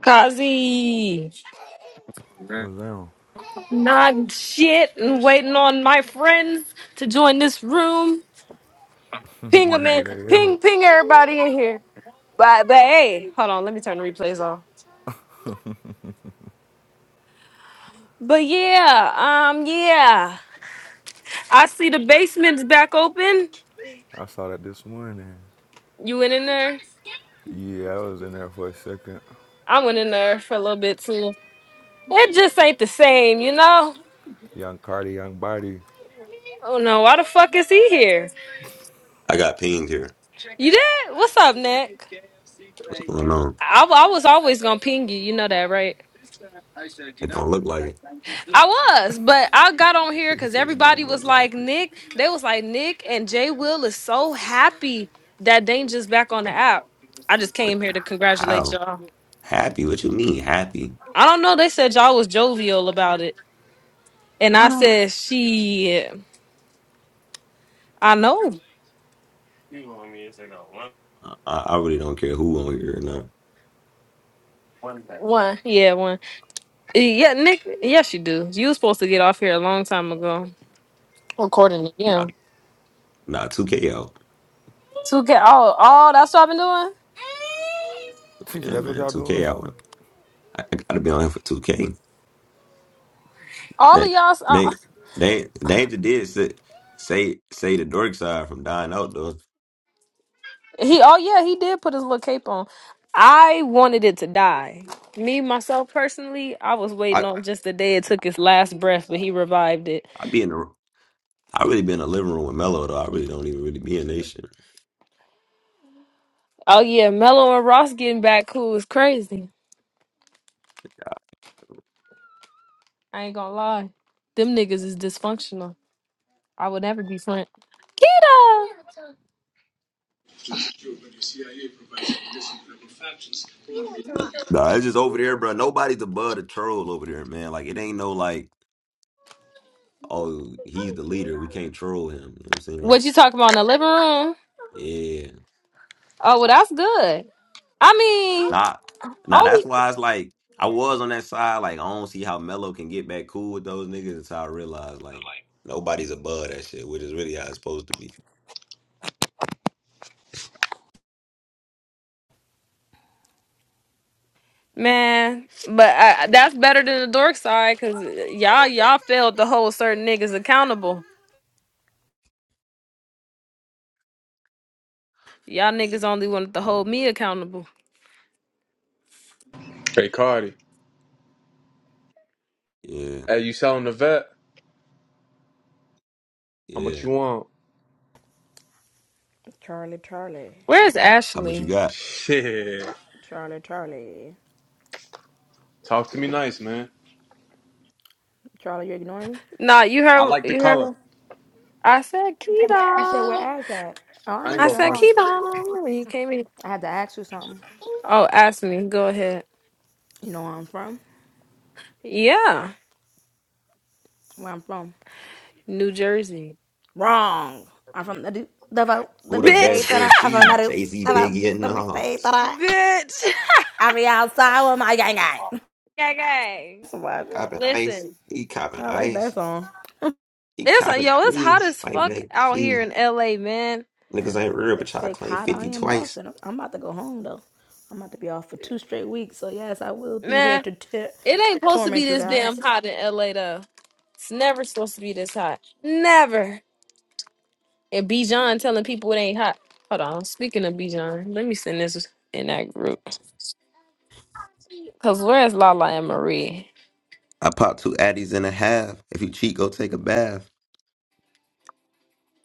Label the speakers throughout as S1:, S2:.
S1: Kazi,
S2: Was down.
S1: not shit, and waiting on my friends to join this room. Ping them
S2: Where
S1: in,
S2: they at?
S1: ping, ping everybody in here. But, but hey, hold on, let me turn the replays off. But yeah, um, yeah, I see the basement's back open.
S2: I saw that this morning.
S1: You went in there.
S2: Yeah, I was in there for a second.
S1: I went in there for a little bit too. It just ain't the same, you know.
S2: Young Cardi, young body.
S1: Oh no, why the fuck is he here?
S3: I got pinged here.
S1: You did? What's up, Nick?
S3: What's going on?
S1: I, I was always gonna ping you. You know that, right?
S3: It don't look like it.
S1: I was, but I got on here
S2: He
S1: because
S2: said it
S1: everybody
S2: don't
S1: was
S2: look like
S1: like,
S2: it.
S1: Nick, they was like, Nick and Jay Will is so happy that Danger's back on the app. I just
S3: But
S1: came here to congratulate
S3: how?
S1: y'all.
S3: Happy? What you mean happy?
S1: I don't know. They said y'all was jovial about it. And I
S3: What?
S1: said, she, I know.
S3: I, I really don't care who on here or not.
S1: One. Yeah, one. Yeah, Nick. Yes, you do. You was supposed to get off here a long time ago. According to
S3: Not,
S1: you.
S3: not 2K out.
S1: To get all, all that's what I've been doing.
S2: She said
S3: Yeah,
S2: that's what
S3: man,
S2: y'all
S3: 2K
S2: doing.
S3: out. I, I gotta be on here for 2K.
S1: All of
S3: They,
S1: y'all. uh,
S3: they, they, Danger did say, say, say the dork side from dying out though.
S1: He oh yeah, he did put his little cape on. I wanted it to die. Me myself personally, I was waiting
S3: I,
S1: on just the day it took its last breath, but he revived it.
S3: I be in the, I really be in the living room with Mello though. I really don't even really be in this shit.
S1: Oh yeah, Mello and Ross getting back cool is crazy. I ain't gonna lie. Them niggas is dysfunctional. I would never be friend. Kita
S3: Nah, it's just over there, bro. Nobody's above the troll over there, man. Like it ain't no like. oh, he's the leader. We can't troll him. You know what I'm saying? Like,
S1: What you talking about in the living room?
S3: yeah.
S1: Oh well that's good. I mean
S3: Nah, nah,
S1: only
S3: that's why it's like I was on that side, like I don't see how Melo can get back cool with those niggas until I realized like nobody's above that shit, which is really how it's supposed to be.
S1: man, but I, that's better than the dork side because y'all y'all failed to hold certain niggas accountable. Y'all niggas only wanted to
S3: Mm.
S1: hold me accountable.
S4: Hey Cardi,
S3: Yeah,
S4: hey, you selling the vet? How much
S3: yeah.
S4: you want?
S5: Charlie, Charlie,
S1: Where's
S3: How much you
S1: Ashley?
S3: got?
S4: Shit,
S5: Charlie, Charlie,
S4: talk to me nice, man.
S5: Charlie, you ignoring me?
S1: Nah, you
S4: I
S1: heard
S4: like the
S1: you
S4: color.
S1: heard I said
S5: You said where
S1: Keto.
S5: Ash at? Oh, I
S4: I ain't
S5: ain't
S1: I
S5: here
S4: gonna
S5: at
S1: said
S4: front
S5: all.
S1: Keto when you came in.
S5: I had to ask you something.
S1: Oh, Ashley, go ahead.
S5: You know where I'm from?
S1: Yeah.
S5: Where I'm from?
S1: New Jersey.
S5: Wrong. I'm from the Duke, the vote, the
S3: Who the
S5: big state
S3: best
S1: Bitch.
S5: that I. I'm from
S3: MC?
S5: the Duke,
S3: Jay Z,
S5: the vote,
S3: Biggie, and
S5: the big state
S3: Nas.
S5: that I.
S1: Bitch.
S5: I be outside with my gang gang.
S1: Gang, gang.
S5: That's what I said.
S3: Copping ice.
S1: Listen.
S3: He copping
S5: I like that
S3: ice.
S5: song.
S3: He
S1: It's
S3: copping
S1: yo, it's hot
S3: please.
S1: as
S3: Fight
S1: fuck
S3: back,
S1: out here
S3: please.
S1: in LA, man.
S3: Niggas ain't real, but
S5: It's
S3: y'all
S5: fake
S3: claim
S5: hot out
S3: 50
S5: here in
S3: twice.
S5: Boston. I'm, I'm about to go home though. I'm about to be off for two straight weeks. So yes, I will be here
S1: Man,
S5: to t-
S1: it ain't supposed to be
S5: torment you
S1: this damn
S5: guys.
S1: hot in LA though. It's never supposed to be this hot. Never. And B John telling people it ain't hot. Hold on. Speaking of B John, let me send this in that group. Cause where's Lala and Marie?
S3: I popped two addies and a half. If you cheat, go take a bath.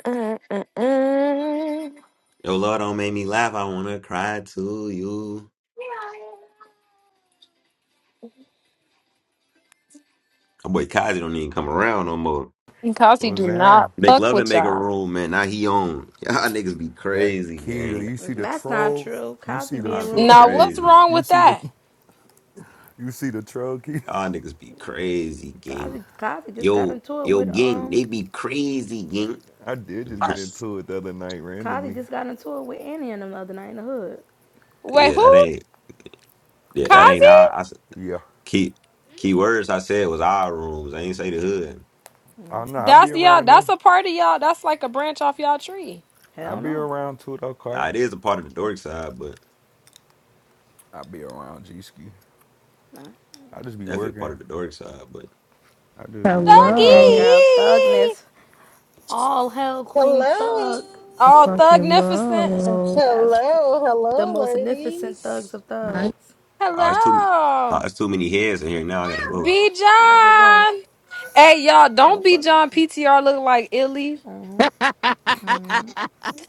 S1: Uh, uh, uh.
S3: Yo, Lord, don't make me laugh. I wanna cry to you. My boy Kazi don't even come around no more.
S1: Kasi
S2: Was
S1: do not
S2: down.
S3: Make
S1: fuck
S3: love and
S1: with
S3: make a
S1: y'all.
S3: room, man. Now he on. Y'all niggas be
S2: That
S3: crazy,
S2: Keita.
S3: gang.
S2: You see the
S5: That's not
S2: troll?
S5: true.
S2: You
S5: Kazi
S2: see the
S5: be
S3: Y'all
S5: in
S3: be
S5: rooms with
S2: troll?
S1: Now what's
S5: me.
S3: crazy.
S1: wrong
S2: you
S1: with
S2: see the
S1: that?
S2: you see the troll Keita?
S3: Y'all niggas be crazy, gang.
S5: Kazi, Kazi just got
S3: Yo,
S5: into it
S3: yo,
S5: with
S3: gang, they
S5: um.
S3: be crazy, gang.
S2: I did just get into it the other night
S5: Kazi
S2: randomly.
S5: just got into it with Annie and them the other night in the hood.
S1: Wait,
S3: yeah, that
S1: who?
S3: ain't. Yeah, that ain't.
S1: Kazi?
S3: Our, I s-
S2: Yeah.
S3: key key words I said was our rooms. I ain't say the hood.
S2: I don't know. I be
S1: That's
S2: around
S1: y'all.
S2: it now.
S1: That's a part of y'all. That's like a branch off y'all tree.
S2: I
S5: Hell
S2: be
S5: no,
S2: around too though,
S3: Nah,
S2: Cardi.
S3: it is a part of the dork side,
S2: I be around G Ski.
S5: nah.
S2: I just be
S3: definitely
S5: he-
S3: a
S2: working.
S3: part of the dark side. But
S2: I just be
S5: That
S2: working.
S6: Hello,
S5: girl
S1: Thuggy.
S5: thugness, all hell queen
S7: Hello.
S5: thug.
S1: Oh,
S6: fucking
S1: thugnificent.
S6: hello.
S5: That's
S7: Hello.
S5: the
S7: Hello,
S5: most significant thugs
S7: ladies.
S5: of
S6: My
S5: thugs.
S3: uh, it's too uh,
S1: Hello.
S3: it's too many heads in here now. I gotta go.
S1: B
S5: All right, get going.
S1: John. Hey y'all,
S5: We gonna
S1: don't be
S5: fuck.
S1: John PTR look like Illy.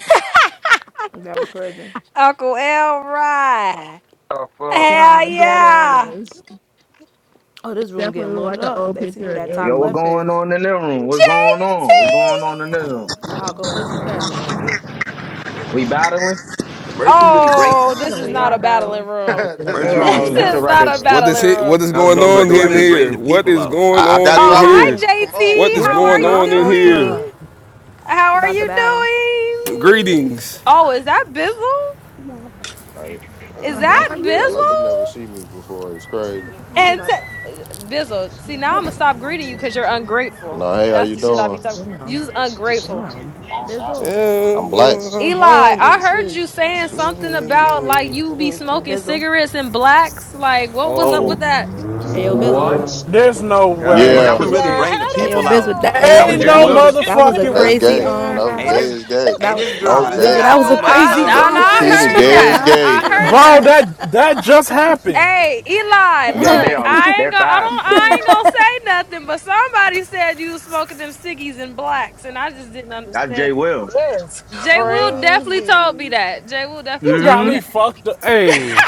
S5: That was crazy.
S1: Uncle Elroy.
S8: Oh, fuck.
S1: Hell
S6: God, that
S1: yeah.
S6: is
S5: Oh, this room getting
S6: definitely
S5: loaded
S6: like an
S5: up.
S6: old
S5: They see who
S6: picture of
S5: that top
S9: Yo, what's
S6: Ellie.
S5: left
S9: going
S5: is.
S9: on in the room? What's going
S1: JT.
S9: on? What's going on in the room?
S5: Y'all
S6: It
S5: go play
S6: definitely
S5: 2K.
S6: like it.
S9: We battling?
S3: Hey, Mertu really bring
S1: Oh,
S6: I
S1: this is
S5: We
S1: not
S5: are
S1: a
S6: don't. I'm
S1: battling
S5: battling.
S6: about to
S1: room.
S6: get
S8: this
S6: up
S8: is
S5: We
S6: after.
S3: Mertu
S5: are
S8: not a
S5: about
S3: really.
S5: to
S9: Oh,
S1: This
S9: get
S6: you.
S9: the
S5: battle
S1: is
S5: though.
S1: not a
S9: records.
S10: What
S8: battle,
S10: is
S8: uh.
S1: battling
S10: it?
S1: room.
S10: What is
S9: Let's
S10: going
S3: Hey,
S9: go
S10: on
S9: get the
S3: Mertu
S10: in
S3: really
S9: records.
S3: bring
S10: here?
S3: the
S10: What
S3: people
S10: is
S3: out.
S10: going
S11: I, I
S1: Oh,
S10: on
S11: got
S10: in
S11: dry
S10: here?
S11: rule.
S1: hi
S11: Come on.
S10: What
S1: JT.
S10: is
S6: Where
S1: How
S6: did
S1: are
S10: going
S1: you
S6: y'all
S10: on in
S6: come
S10: here?
S6: from?
S1: doing? How
S5: We
S1: are
S5: about
S1: you
S5: to battle.
S1: doing?
S10: Greetings.
S1: Oh, is that Bizzle?
S11: All right.
S1: Is
S6: How
S1: that
S6: are
S11: You
S6: you
S11: act like you
S6: doing?
S1: Bizzle?
S11: never see me before. It's crazy.
S5: Yeah, we
S1: And
S5: about to.
S1: t- Bizzle, see now I'm gonna stop greeting you because you're ungrateful.
S11: No, hey, how
S1: That's
S11: you
S1: the shit I be
S11: doing?
S1: talking.
S6: Damn,
S1: You's ungrateful.
S6: damn.
S3: Oh, God.
S5: Bizzle.
S11: I'm black.
S1: Eli, I heard you saying something about like you be smoking
S5: Bizzle.
S1: cigarettes and blacks. Like, what was up with
S10: Oh
S9: Oh,
S1: that?
S5: Ayo Bizzle.
S9: what?
S12: There's no
S3: Hey,
S12: way.
S10: God,
S9: That
S11: Yeah,
S3: Mertu
S7: Nah,
S9: was
S10: bro.
S3: really
S7: how
S3: bring the
S5: Ayo
S3: people
S7: the
S3: out.
S5: Bizzle.
S7: hell?
S5: That,
S7: How
S5: ayo
S9: that was
S12: Ain't
S7: the
S5: Bizzle.
S9: Jay
S7: hell
S5: That
S12: no
S7: you
S5: was a
S9: Will.
S7: get
S5: that was
S7: that
S5: a
S6: Get
S12: motherfucking
S11: that's
S6: up
S5: crazy
S11: gay.
S6: here,
S5: um
S11: No,
S6: Al.
S3: Hey,
S7: book?
S11: gay
S3: this
S11: is gay.
S3: hey
S5: that
S3: this
S5: was
S3: girl
S11: No,
S3: really
S13: I
S5: Bizzle,
S11: gay.
S5: that
S3: got
S5: was
S3: so
S5: a
S7: Nah, that
S3: much
S1: I no,
S5: crazy
S1: no,
S11: You
S7: is
S11: got
S3: power.
S5: um
S1: I
S5: finish.
S11: Peter.
S1: heard
S6: get
S11: Gay is
S1: that.
S6: up
S1: I
S11: gay.
S1: heard
S7: crazy.
S12: bro.
S6: here.
S1: that.
S12: That that just happened.
S1: Hey, Eli,
S9: Yo, they
S1: look,
S9: are
S1: I ain't
S9: they're
S1: gonna, I
S9: fast.
S1: don't, I ain't gonna say nothing. But somebody said you was smoking them ciggies and blacks, and I just didn't
S9: That's Jay
S1: understand.
S9: Will.
S7: That's
S1: Jay Will
S12: Nah.
S1: definitely told me
S7: crazy.
S1: that. Jay Will definitely
S12: You
S1: told
S12: got
S1: me
S9: hmm
S12: me
S1: that.
S12: fucked up. Hey,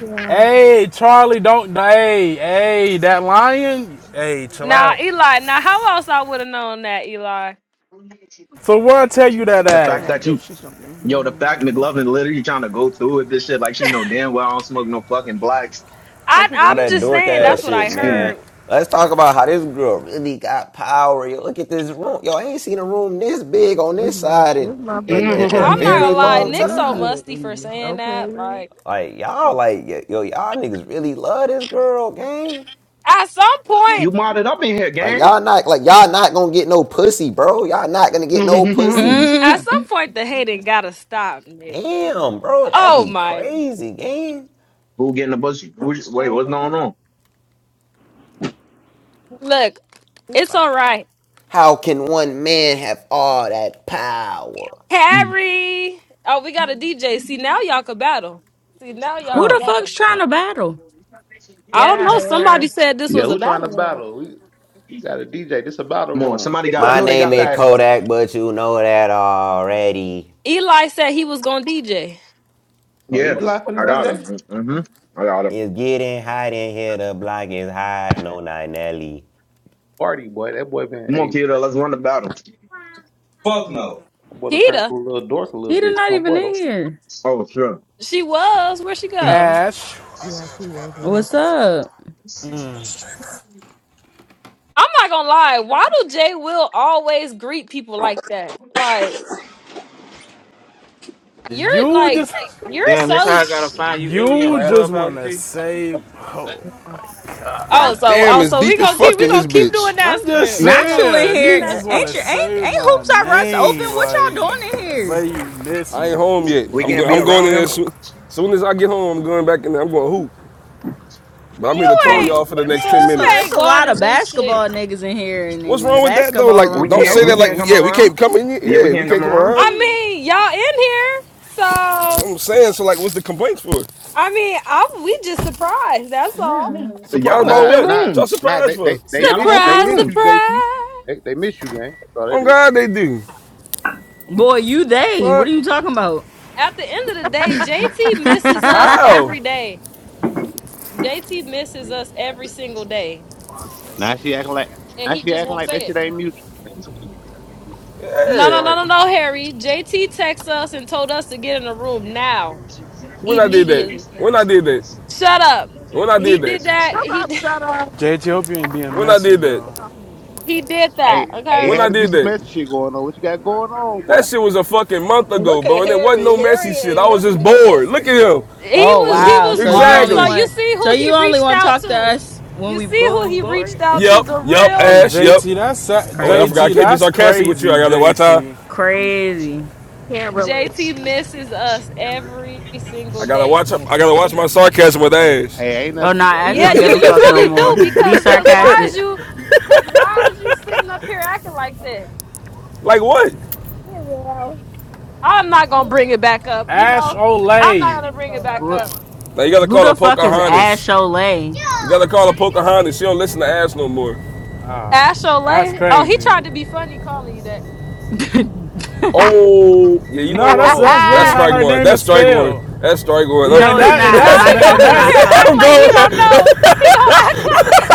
S6: Yeah,
S12: hey, Charlie, don't. Hey, hey, that lion. Hey, chill
S1: Now,
S12: out.
S1: Eli, now how else I would have known that, Eli?
S12: So where I tell you that
S9: The fact
S12: at,
S5: Bad
S9: that
S5: bitch,
S9: you
S5: she's
S9: yo, the
S5: something.
S9: fact McLovin literally trying to go through with this shit like she know damn well I don't smoke no fucking blacks.
S5: That
S1: I
S5: should
S3: All
S1: I'm
S5: do.
S3: that
S1: just
S3: dork
S1: saying that's
S3: ass
S1: what I
S3: shit,
S9: Excuse me.
S3: man.
S1: heard.
S3: Let's talk about how this girl really got power. Yo, look at this room. Yo, I ain't seen a room this big on
S6: this
S3: this
S6: my
S3: side in
S6: this
S3: in,
S6: motherfucker
S3: in, in a
S1: I'm
S6: started
S1: not
S9: Mhm.
S3: very
S1: gonna
S6: jumping
S1: lie,
S3: long
S1: Nick's so
S3: time.
S1: musty for
S6: immediately.
S1: saying that. Like
S3: Like y'all, like yo, y'all niggas really love this girl, gang.
S1: at some
S9: You
S1: point,
S9: modded up in here,
S3: Like
S9: gang.
S3: y'all not like y'all not gonna get no pussy, bro. Y'all not gonna get no pussy.
S1: at some
S14: Mm,
S1: point the hating gotta stop, Nick.
S3: Damn, bro, that'd
S1: Oh
S3: be
S1: my
S3: crazy, gang.
S9: Who getting the pussy? Who, wait, what's going
S6: Okay.
S9: on?
S1: look, it's
S3: Like,
S1: all right.
S3: How can one man have all that power?
S1: Harry. Oh, we got a DJ. See now y'all can battle. See now y'all
S14: who
S1: can
S14: the
S6: Oh,
S1: battle.
S14: fuck's
S6: uh,
S14: trying to battle?
S1: I
S6: get
S1: don't
S6: out
S1: know.
S6: of
S1: Somebody
S6: here.
S1: said this
S15: Yeah,
S1: was a
S15: who trying to
S1: battle royal.
S15: battle? We, we got a DJ. This a battle
S9: Come on,
S15: room.
S9: somebody got. I
S3: My
S9: know they
S3: name
S9: got
S3: is
S9: that.
S3: Kodak, but you know that already.
S1: Eli said he was gonna DJ.
S15: Oh, he
S9: Yes,
S15: laughing
S9: I
S15: at
S9: got him.
S15: DJ?
S9: Mm-hmm. I got him.
S3: It's getting hot in here. The block is hot. No, not Nelly.
S15: Party boy, that boy been
S9: Come on,
S15: a
S9: kiddo,
S15: boy.
S9: let's run the battle.
S6: Mm,
S15: That boy done turned to
S1: Kita,
S15: a little dork a little
S14: He did
S15: bit. That's
S14: not
S15: my
S14: even
S15: boy
S14: in
S15: though.
S14: here.
S9: Oh, sure.
S1: she was. Where'd she go?
S12: Ash?
S6: Yeah, she was in here.
S14: What's
S6: She
S14: up?
S1: I'm not gonna lie. Why do Jay Will always greet people like that? Like you're
S12: You
S1: like
S12: just,
S1: you're
S16: Damn, that's
S1: so.
S16: how I gotta
S1: Sh-
S16: find you, Illy, on
S12: you
S16: Right.
S12: just
S16: Clubhouse.
S12: wanna
S16: G?
S12: save. Oh
S6: was like,
S12: my god.
S6: "Ah,
S1: oh,
S10: God
S1: so
S10: damn,
S1: oh,
S10: it's
S1: so we
S10: deep as
S1: gonna keep
S10: fuck
S1: we
S10: in
S1: gonna
S10: this
S1: keep doing
S10: bitch.
S1: that
S12: I'm just
S1: script. We
S14: Not
S1: gonna
S14: you in
S1: keep
S12: saying.
S1: doing
S12: You
S1: that
S14: here.
S12: just
S1: script.
S14: Ain't
S12: wanna
S14: you ain't
S12: save
S14: ain't
S12: my
S14: hoops I rush open?
S12: name,
S14: What
S12: like.
S14: y'all doing in
S12: Say
S14: here?
S12: you miss
S10: I
S12: me.
S10: ain't home yet.
S9: Mm. We
S10: I'm
S9: can't
S10: go-
S9: be
S10: I'm going in
S9: around
S10: there
S9: him.
S10: soon. Soon as I get home, I'm going back in there. I'm going hoop. But I'm here to
S1: You
S10: troll
S9: Well,
S1: ain't
S10: y'all for the
S14: It's
S10: next
S14: a,
S10: ten
S14: it's
S1: you
S14: a
S10: minutes.
S14: it's
S1: ain't
S14: a
S1: going
S14: lot
S1: to
S14: of
S1: do shit.
S14: basketball niggas in here, and
S10: What's
S14: and, the
S10: wrong with that though?
S14: basketball
S10: Like,
S9: We
S14: room is
S10: don't
S9: can't.
S10: say
S9: We
S10: that.
S14: open.
S10: Like,
S9: can't come
S10: yeah, we
S9: around.
S10: can't come in. here.
S9: Yeah, we
S10: Yeah, we
S9: can't
S10: can't
S9: come
S10: come
S9: around.
S1: I
S10: around.
S1: mean, y'all in here, so
S10: I'm saying so. Like, what's the complaints for?
S1: I mean, i we just surprised. That's all.
S14: Yeah,
S9: Y'all
S10: Surprised
S9: don't
S10: by
S15: Nah,
S9: open
S10: what?
S15: nah,
S10: What y'all
S9: rooms.
S15: nah.
S10: surprised
S15: They
S10: for?
S15: they they
S9: Y'all don't
S15: miss they
S9: open
S1: Surprise,
S15: miss
S9: rooms.
S15: you, JT.
S1: surprise.
S15: They they miss you, gang. That's all that
S10: Oh
S15: is.
S10: God, they do.
S14: boy, you they? What
S10: Fuck.
S14: are you talking about?
S1: At the end of the day, JT misses us
S10: How?
S1: every day. JT misses us every single day.
S15: Now she acting like
S1: and
S15: now
S1: he
S15: she
S1: just
S15: acting
S1: won't
S15: like
S1: say
S15: that shit
S1: it.
S15: ain't mutual, man. This shit.
S1: No,
S10: Yeah,
S1: no, no,
S10: like
S1: no, no, Harry. JT texted us and told us to get in the room now,
S10: when I did that.
S1: immediately.
S10: When I did that.
S1: Shut up.
S10: When I
S1: He
S10: did that.
S1: did that.
S6: come
S1: He
S6: on,
S1: did-
S6: shut up.
S12: JT, hope you ain't being
S10: When I
S12: messy,
S10: did that.
S6: Get
S12: bro.
S6: off of me.
S1: he did that.
S15: Hey, hey,
S1: Okay.
S10: When
S15: had
S10: I
S15: to be
S10: did
S15: some
S10: that.
S15: messy shit going on. What you got going on, boy?
S10: That shit was a fucking month ago,
S7: Look
S10: bro,
S7: at
S10: and it wasn't
S7: Harry.
S10: no messy
S7: Harry
S10: shit. I
S7: ain't
S10: was
S7: missing
S10: just
S7: no
S10: bored.
S7: messy
S10: Look at him.
S7: shit.
S1: He
S14: oh
S1: was he
S14: wow!
S1: was
S14: So you
S1: bored.
S14: only
S1: So
S10: Exactly.
S1: you
S14: want
S1: see
S14: so
S1: who he
S14: you only
S1: reached
S14: want to
S1: out
S14: talk to
S1: to.
S14: us when
S1: You
S14: we
S1: see
S14: bored?
S1: who
S14: When you
S1: he
S14: bored?
S1: reached out to.
S10: Yep.
S1: The
S10: Yep.
S1: real
S12: Hey,
S10: Ash. Yep.
S12: JT, that's
S10: Oh, and I forgot I
S14: Crazy,
S12: JT,
S10: can't be
S12: that's
S10: sarcastic with you. I
S12: crazy,
S10: gotta watch how.
S12: JT.
S14: crazy.
S6: Can't relate.
S1: JT misses us every
S10: I
S1: single
S10: gotta
S1: day.
S10: watch. I gotta watch my sarcasm with
S15: Hey,
S10: Ash.
S15: hey, ain't
S6: Here
S14: Oh
S15: nothing.
S14: nah, Ash
S1: Yeah,
S14: don't give
S1: you
S14: a
S1: you
S14: fuck no
S1: really do
S14: more. Be
S1: because because why is
S14: sarcastic.
S1: you because why is you sitting up here acting like that?
S10: Like what?
S6: we go.
S1: I'm not gonna bring it back up. You
S12: Ash
S1: know, I'm not
S12: Olay,
S1: gonna bring it
S6: So,
S1: back
S14: Wh-
S1: up.
S10: Now you gotta
S14: Who
S10: call her
S14: the fuck is Ash
S10: Pocahontas.
S14: Olay?
S10: You gotta call her Pocahontas. She don't listen to Ash no more.
S12: ah,
S1: Ash
S12: that's
S1: Olay. Oh, he
S12: crazy.
S1: tried to be funny calling you that.
S14: no,
S10: Oh, yeah, you know
S12: No, that's
S10: what?
S12: that's
S9: Oh.
S12: literally
S10: That's
S12: how
S10: strike
S12: her
S10: one.
S12: name is
S10: That's strike
S12: spelled.
S10: one. That's strike one. I'm,
S12: Yeah, and
S14: it's
S12: that and
S1: No,
S14: not.
S12: that's
S14: My
S1: he gonna
S14: name
S12: and
S14: is
S1: sit up
S14: not
S12: that's
S1: here and
S14: spelled
S1: act
S10: I'm
S14: like
S1: like he
S10: going.
S14: that.
S1: don't
S10: That,
S1: know. He gonna act like he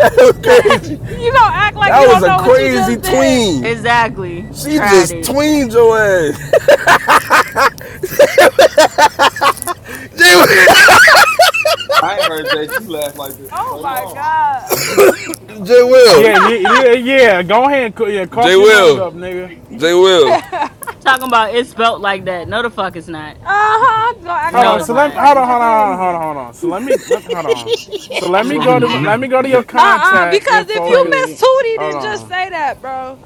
S10: was
S1: don't know.
S10: crazy.
S1: you gonna act like
S9: Oh
S1: you
S10: That was
S1: don't
S10: a
S1: know
S9: shit.
S1: what you
S10: crazy
S1: just did.
S10: tween.
S14: Exactly.
S10: She
S14: Tried
S10: just
S14: it.
S10: tweened your ass.
S13: I ain't heard JT laugh like this in so
S1: Oh my
S13: long.
S1: god.
S10: J Will.
S12: yeah, yeah, yeah. yeah, Go ahead, and yeah,
S10: J
S12: cough your lung
S10: Will.
S12: up, nigga.
S10: J Will.
S14: Talking about it's spelled like that. No, the fuck it's not.
S1: uh huh. Gonna act
S12: Hold
S1: like he
S14: No,
S12: on,
S1: don't
S14: it's
S12: so
S1: know what the
S12: let me
S14: not.
S1: fuck
S12: hold
S1: he
S12: on,
S1: just
S12: hold
S1: did.
S12: on, hold on, hold on. So let me let hold on. So let me go
S9: Um,
S12: to my-
S14: Mm-mm.
S9: no,
S12: let me go to your
S9: no.
S1: Uh uh
S12: contact
S1: Because if
S12: info,
S1: you
S12: cause
S14: Play
S1: miss
S14: it.
S1: Tootie,
S12: hold
S1: then just
S12: on,
S1: say that, bro.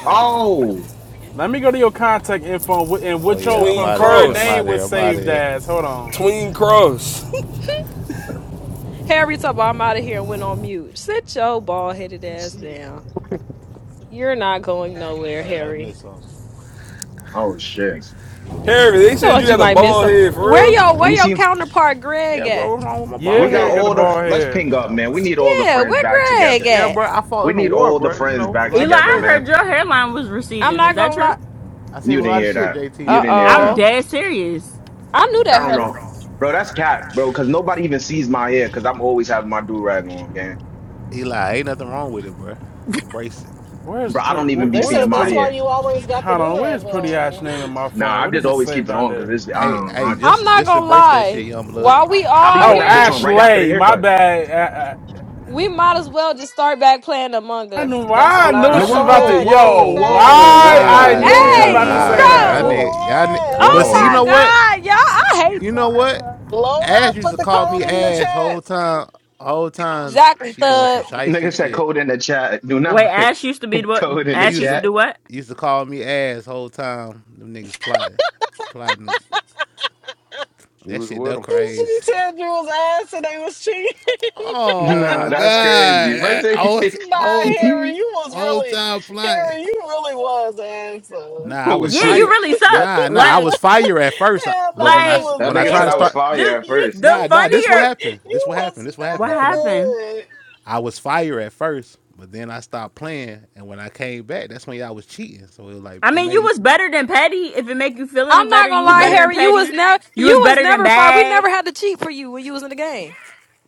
S12: hold on.
S9: oh.
S12: Let me go to your contact info and
S15: Oh
S12: what your
S15: yeah, I'm
S10: Tween
S15: out of here.
S12: preferred
S15: I'm
S10: cross.
S15: out
S12: name
S15: of
S12: was
S15: here. I'm out of
S12: saved
S15: here.
S12: as. Hold on.
S10: Tween cross.
S1: Harry, talk about I'm out of here and went on mute. Sit your bald headed ass down. You're not
S15: Nah,
S1: going
S15: I
S1: nowhere,
S15: thought I might
S1: Harry.
S15: miss something.
S9: Oh shit.
S10: Harry, they said
S1: Thought
S10: you
S1: you
S10: had a
S1: might miss
S10: bald
S1: some.
S10: head
S1: Where
S10: for
S1: your
S10: real?
S1: where
S9: You
S1: your
S9: see,
S1: counterpart Greg
S15: Yeah,
S1: at?
S15: bro, what's wrong with my
S12: Yeah,
S9: we
S15: bald
S9: got
S12: Harry got
S15: head,
S12: the
S9: all
S15: bro?
S9: the.
S12: ball
S9: Let's
S12: here.
S9: ping up,
S15: Damn,
S9: man.
S15: bro.
S9: We need all the
S1: Yeah,
S15: I
S9: friends
S1: where
S9: back together.
S1: Greg
S15: yeah,
S1: at?
S15: bro. I fought
S9: We
S15: in the
S9: need
S15: war,
S9: all the
S15: bro. You
S9: friends
S15: know, a
S9: back
S15: lot of
S14: Eli,
S9: together,
S14: I
S15: stress.
S14: heard
S9: man.
S14: your hairline was
S1: I'm
S14: receding. Is
S1: not
S14: that
S1: gonna
S14: true?
S1: lie.
S15: I seen
S9: You
S15: a
S9: didn't
S15: lot of
S9: hear
S15: shit,
S9: that.
S15: JT,
S9: You
S1: Uh
S15: man. You
S9: didn't
S15: know
S9: hear
S15: what I'm
S14: I'm
S9: that.
S1: oh,
S15: saying?
S14: dead serious.
S1: I knew
S9: I
S1: that
S9: don't
S1: hairline.
S9: know. Bro, that's cat, bro, because nobody even sees my hair because I'm always having my do rag on, gang.
S15: Eli, ain't nothing wrong with it, bro. Embrace it.
S12: Where's
S9: Bro, I
S12: pretty?
S9: don't even be
S7: They
S9: seeing
S12: Where's
S7: said
S9: my
S7: that's
S12: pretty?
S7: why
S9: hair.
S7: you always got the
S12: Hold on. Where's
S7: do-rag
S12: pretty Ash
S7: on.
S12: name in my
S9: Nah,
S12: phone?
S9: I
S12: What
S9: just
S12: is it
S9: always keep
S12: saved
S9: it
S12: on
S9: on because
S12: there?
S9: it's, I
S15: Hey,
S9: don't know.
S15: hey,
S9: I,
S1: I'm
S15: just
S1: not
S15: just
S1: gonna
S15: embrace that shit,
S1: lie.
S15: young blood.
S1: While we
S9: I be
S1: are
S9: putting
S12: Oh,
S9: that bitch
S1: here,
S9: on right after the
S12: Ashley. My
S9: haircut.
S12: bad.
S1: we might as well just start back playing Among
S12: I, I, I
S1: Us.
S12: knew.
S1: That's
S12: Why I
S1: all
S7: Nah,
S1: I'm
S12: knew
S9: No,
S12: she
S7: that's
S12: was
S7: a
S1: saying.
S14: Uh-uh.
S12: about
S9: whoa,
S12: to.
S7: fact. That's a
S9: whoa,
S12: Yo,
S7: fact.
S9: whoa,
S15: Hell
S7: That's
S12: why
S7: a
S9: whoa,
S12: I
S15: nah,
S7: fact.
S12: knew she
S9: whoa,
S12: was
S15: hell
S12: about to
S1: Hey,
S9: whoa,
S12: say
S15: nah.
S7: That's
S15: Y'all
S12: that.
S7: a
S1: bro!
S15: need
S9: whoa,
S15: y'all need, but
S1: Oh
S15: see, you
S9: whoa.
S1: my
S15: know
S7: fact.
S15: what?
S1: God, y'all! I hate
S15: You know
S1: y'all,
S15: what?
S1: bro.
S7: Load
S15: Ash
S7: up,
S15: used
S7: put
S15: to
S7: the
S15: call
S7: code
S15: me
S7: in the
S15: ass
S7: chat.
S15: whole time. Whole time
S1: Exactly,
S15: she doing some
S1: thug.
S9: Nigga
S15: shisty
S9: said
S15: shit.
S9: code in the chat. Do
S14: Wait,
S9: not put
S14: Ash used to be what?
S9: code in the
S15: You
S14: Ash
S15: used
S14: used
S15: to
S14: to
S9: chat.
S14: do what?
S15: used to call me ass whole time. Them niggas plotting, plotting.
S11: She
S15: That
S11: was
S15: shit,
S11: with
S15: that
S11: him.
S7: And She
S15: crazy.
S7: said you was ass and they was cheating.
S9: Nah,
S15: Oh
S9: that's crazy.
S15: God,
S9: First
S15: all
S7: Nah,
S15: all
S9: thing-
S7: Harry, you was
S15: all
S7: really,
S15: time plotting.
S7: Harry, you really was ass. answer.
S15: Nah, I
S9: oh,
S15: was
S14: Yeah,
S9: shit.
S14: you
S15: fired.
S14: really suck.
S15: Nah, nah, I
S14: Like
S15: was fired at first, I-
S7: Hell
S15: but
S7: nah,
S15: when
S7: you
S15: I
S14: Like
S7: was
S9: That
S15: when I
S9: nigga
S15: tried
S9: said
S14: it's
S15: to
S9: I was
S7: never,
S15: start,
S9: fire
S14: the
S9: at
S7: you,
S9: first.
S14: the
S15: nah, nah, this what
S14: funnier
S15: happened. This
S7: you
S15: what
S7: was
S15: happened. This what
S14: what
S15: happened. I'm
S7: never
S15: finna.
S14: happened.
S7: good.
S15: I was fired at first, but then I stopped playing, and when I came back, that's when y'all was cheating. So it was like
S14: I
S15: it
S14: mean, you
S15: made me-
S14: was better than Petty. If it make you feel any
S1: I'm not
S14: better, you
S1: gonna
S14: was
S15: it
S1: lie,
S14: better
S15: made me-
S14: than
S1: Harry. You
S14: Petty.
S1: was never,
S14: You
S1: you
S14: was
S1: was
S14: better than
S1: never fired. We
S14: Bag.
S1: never had to cheat for you when you was in the game.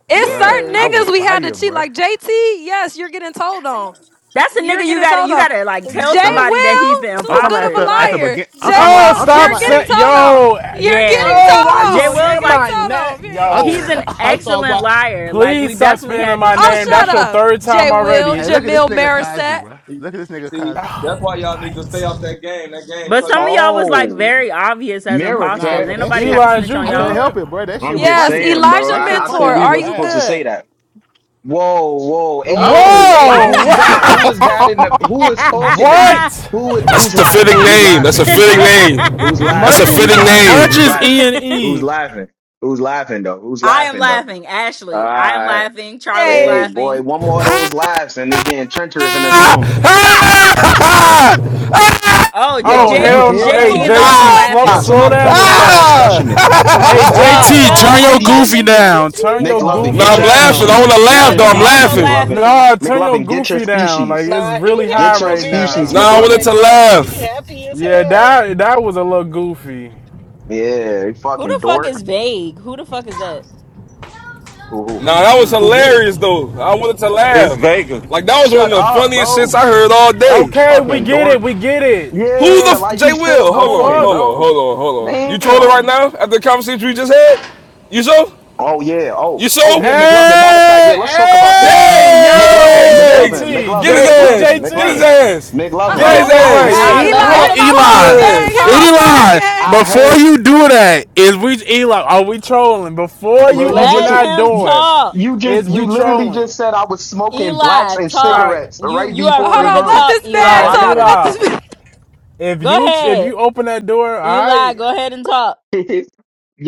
S1: It's
S15: bruh.
S1: certain
S14: Yeah,
S15: I
S14: we
S1: niggas
S15: was
S14: didn't.
S1: we
S14: know.
S1: had to
S15: fired,
S1: cheat.
S15: bruh.
S1: Like JT, yes, you're getting told on.
S14: That's a
S1: You're
S14: nigga you
S1: getting
S14: gotta
S1: told
S14: you
S1: on.
S14: gotta like tell
S1: J
S15: Bruh,
S14: somebody that he's the
S1: Will,
S15: I'm
S1: too
S15: talking
S1: good
S15: about
S1: of
S15: at
S1: a
S14: imposter.
S15: the at the
S14: Like,
S1: liar.
S15: begin.
S1: J
S15: I'm talking about.
S12: Oh,
S1: Will,
S15: I'm talking
S1: you're
S12: stop
S15: about at.
S1: getting
S15: The,
S12: saying.
S1: told on.
S12: Yo,
S1: You're getting
S14: yeah.
S12: yo, why
S1: told
S12: you
S14: Jay
S1: on. You're
S14: Will's
S12: saying
S1: getting
S14: like
S12: my
S1: told on.
S12: name?
S1: Period.
S15: I'm,
S14: he's
S12: Yo,
S14: an
S15: I'm talking
S14: excellent
S15: about.
S14: liar. Like
S12: please
S14: we
S12: stop
S14: definitely
S12: spamming
S14: had to
S12: my
S1: Oh,
S14: cheat
S12: name.
S14: for
S12: That's
S1: shut
S14: him.
S12: your
S1: up.
S12: third
S1: J
S12: time
S1: Will,
S12: already.
S15: Hey, look at this
S1: Jamil
S15: nigga Kazi,
S1: Marisette.
S15: bro.
S13: See,
S15: Look at this nigga
S13: see,
S15: Kazi.
S12: Oh,
S13: that's why y'all need to stay
S12: what?
S13: off that game. That game
S14: But
S13: throw
S14: some of
S13: y'all
S14: y'all was
S13: apart.
S14: like
S9: Oh,
S14: very obvious as
S9: mirror
S15: Nah,
S14: imposters.
S9: threat.
S14: Ain't
S15: but that
S14: nobody have
S15: shit,
S14: to
S12: Eli, is
S14: snitch
S12: you
S14: on
S15: I couldn't
S14: y'all.
S12: good?
S15: help it, bro. That shit
S9: I'm
S15: was
S9: just
S1: Yes,
S15: funny, bro.
S9: saying, bro.
S15: When
S1: Elijah
S15: that shit
S9: I, I thought
S15: funny,
S1: Mentor.
S15: I
S9: we
S15: gotta
S1: Are
S9: was
S1: you
S9: supposed
S15: laugh,
S9: to
S15: bro.
S9: say
S1: good?
S9: that. Whoa, whoa.
S12: Whoa!
S9: Hey,
S14: Oh,
S9: hey,
S14: what?
S9: who was that? Who
S12: Wow!
S9: was that in the who is talking to me?
S12: What?
S9: Who
S10: That's
S9: who's
S10: a
S9: laughing?
S10: fitting
S9: Who's
S10: name. That's a
S9: laughing? Who's
S10: fitting
S9: laughing? Who's
S10: name. That's a
S12: Merch
S9: laughing?
S12: is
S9: Who's
S10: fitting
S9: laughing?
S12: merch
S9: Who's
S10: name.
S12: is
S9: laughing?
S12: E and
S9: Who's
S12: E.
S9: laughing? Who's laughing though? Who's
S14: I am
S9: laughing though?
S14: laughing,
S9: All
S14: Ashley. I am
S9: right.
S14: laughing. Charlie's
S9: Hey,
S1: Hey.
S9: boy,
S14: laughing.
S9: one more of those laughs and it's getting treacherous in this room.
S14: Oh, J-
S12: Oh
S9: Yo, you
S14: J-
S12: hell! No.
S9: hear
S7: what
S9: that,
S12: Hey
S14: JT
S7: the
S14: is
S9: nigga?
S14: also
S12: JT,
S7: fuck?
S12: slow
S9: Yo,
S14: laughing.
S12: slow
S9: somebody
S12: down with
S9: control that
S12: that.
S9: specimen.
S14: Uh,
S9: Somebody
S12: Hey
S9: call
S14: Thug,
S7: That nigga,
S12: JT,
S10: Ah!
S9: control
S14: Doug,
S12: turn
S7: was-
S9: that
S14: are
S12: your
S14: you
S9: species.
S12: goofy
S14: laughing too?
S12: down.
S7: he
S12: Turn
S7: is
S12: your
S7: on
S9: McLovin,
S12: goofy
S10: now
S9: get
S10: I'm
S9: your
S7: coke.
S10: laughing. I
S12: down.
S9: species.
S10: want to
S9: Get
S10: laugh
S9: your
S14: Thug
S10: though.
S14: is
S10: I'm
S9: species,
S14: also
S10: laughing.
S9: McLovin.
S14: laughing.
S12: No, turn your
S9: McLovin, get your
S12: goofy down. Like
S9: species.
S12: it's
S7: Nah,
S12: really
S7: he
S12: high
S9: Get
S7: happy
S9: your
S7: to
S12: right
S7: be in this
S9: species,
S12: now.
S10: Now I
S7: room,
S9: McLovin.
S10: wanted to
S7: McLovin. He
S10: laugh.
S7: happy as
S12: Yeah,
S7: hell.
S12: that that was a little goofy.
S9: Yeah, you
S14: Who
S9: fucking
S14: the fuck
S9: dork.
S14: is vague? Who the fuck is that?
S9: Who who?
S10: Now that was
S9: Who they?
S10: hilarious though. I wanted to
S16: It's
S10: laugh.
S16: Vegas.
S10: Like that was
S9: Shut
S10: one of the
S9: up,
S10: funniest shits
S9: bro.
S10: I heard all day.
S12: Okay, we
S9: Fucking
S12: get it.
S9: dork.
S12: We get it.
S10: Who the
S9: Yeah,
S10: f-
S9: like
S10: J
S9: he's still
S10: Will?
S12: The
S10: Hold on,
S9: going,
S10: hold
S12: fuck?
S10: on,
S9: bro.
S10: hold on, hold on. You trolling right
S9: Damn.
S10: now after the conversation we just had? You so?
S9: Oh yeah. Oh
S10: You
S9: oh
S10: so?
S9: yeah. McLovin. Matter of fact, yeah.
S12: Hey,
S9: Let's talk about this.
S12: hey, y'all! hey,
S9: McLovin.
S10: Yay!
S9: McLovin.
S12: JT,
S10: Get his
S9: McLovin.
S12: J,
S10: ass!
S9: McLovin.
S10: Get his
S9: McLovin.
S12: JT.
S10: ass!
S1: Uh
S10: Get
S9: McLovin.
S12: Wait,
S10: his
S1: oh.
S12: wait,
S9: I
S12: wait.
S1: Hey,
S9: heard.
S12: E,
S14: Nah,
S10: ass!
S14: let
S12: hold
S1: Eli,
S12: on,
S9: I
S14: let
S1: hit
S14: him
S1: my
S10: Get his
S14: talk.
S1: phone,
S12: Eli.
S14: Let him
S1: gang.
S10: ass!
S1: Hit my
S14: talk.
S9: I
S1: phone,
S12: Eli,
S1: gang.
S9: I
S12: before
S9: heard,
S12: you do that, is we Eli? Are we trolling? Before you
S9: bro. You
S12: open
S14: Let
S9: just
S12: that
S14: him
S9: you,
S12: door,
S14: talk.
S9: you just
S12: is we
S9: you literally
S12: trolling?
S9: just said I was smoking blacks
S14: Eli,
S9: and
S12: All
S14: talk.
S12: right,
S9: cigarettes
S14: You
S9: right
S14: you are
S1: Uh,
S9: before
S1: Hold
S14: free
S9: this
S14: to
S1: on.
S9: room.
S1: Let
S14: talk,
S1: this
S12: all
S9: Oh,
S1: man
S14: Eli.
S12: right,
S9: I
S1: talk.
S9: gotta.
S1: Let
S12: Eli.
S1: this.
S12: If you
S14: Go
S12: if
S14: ahead.
S12: you open that door, all
S14: Eli,
S12: right.
S14: go ahead and talk.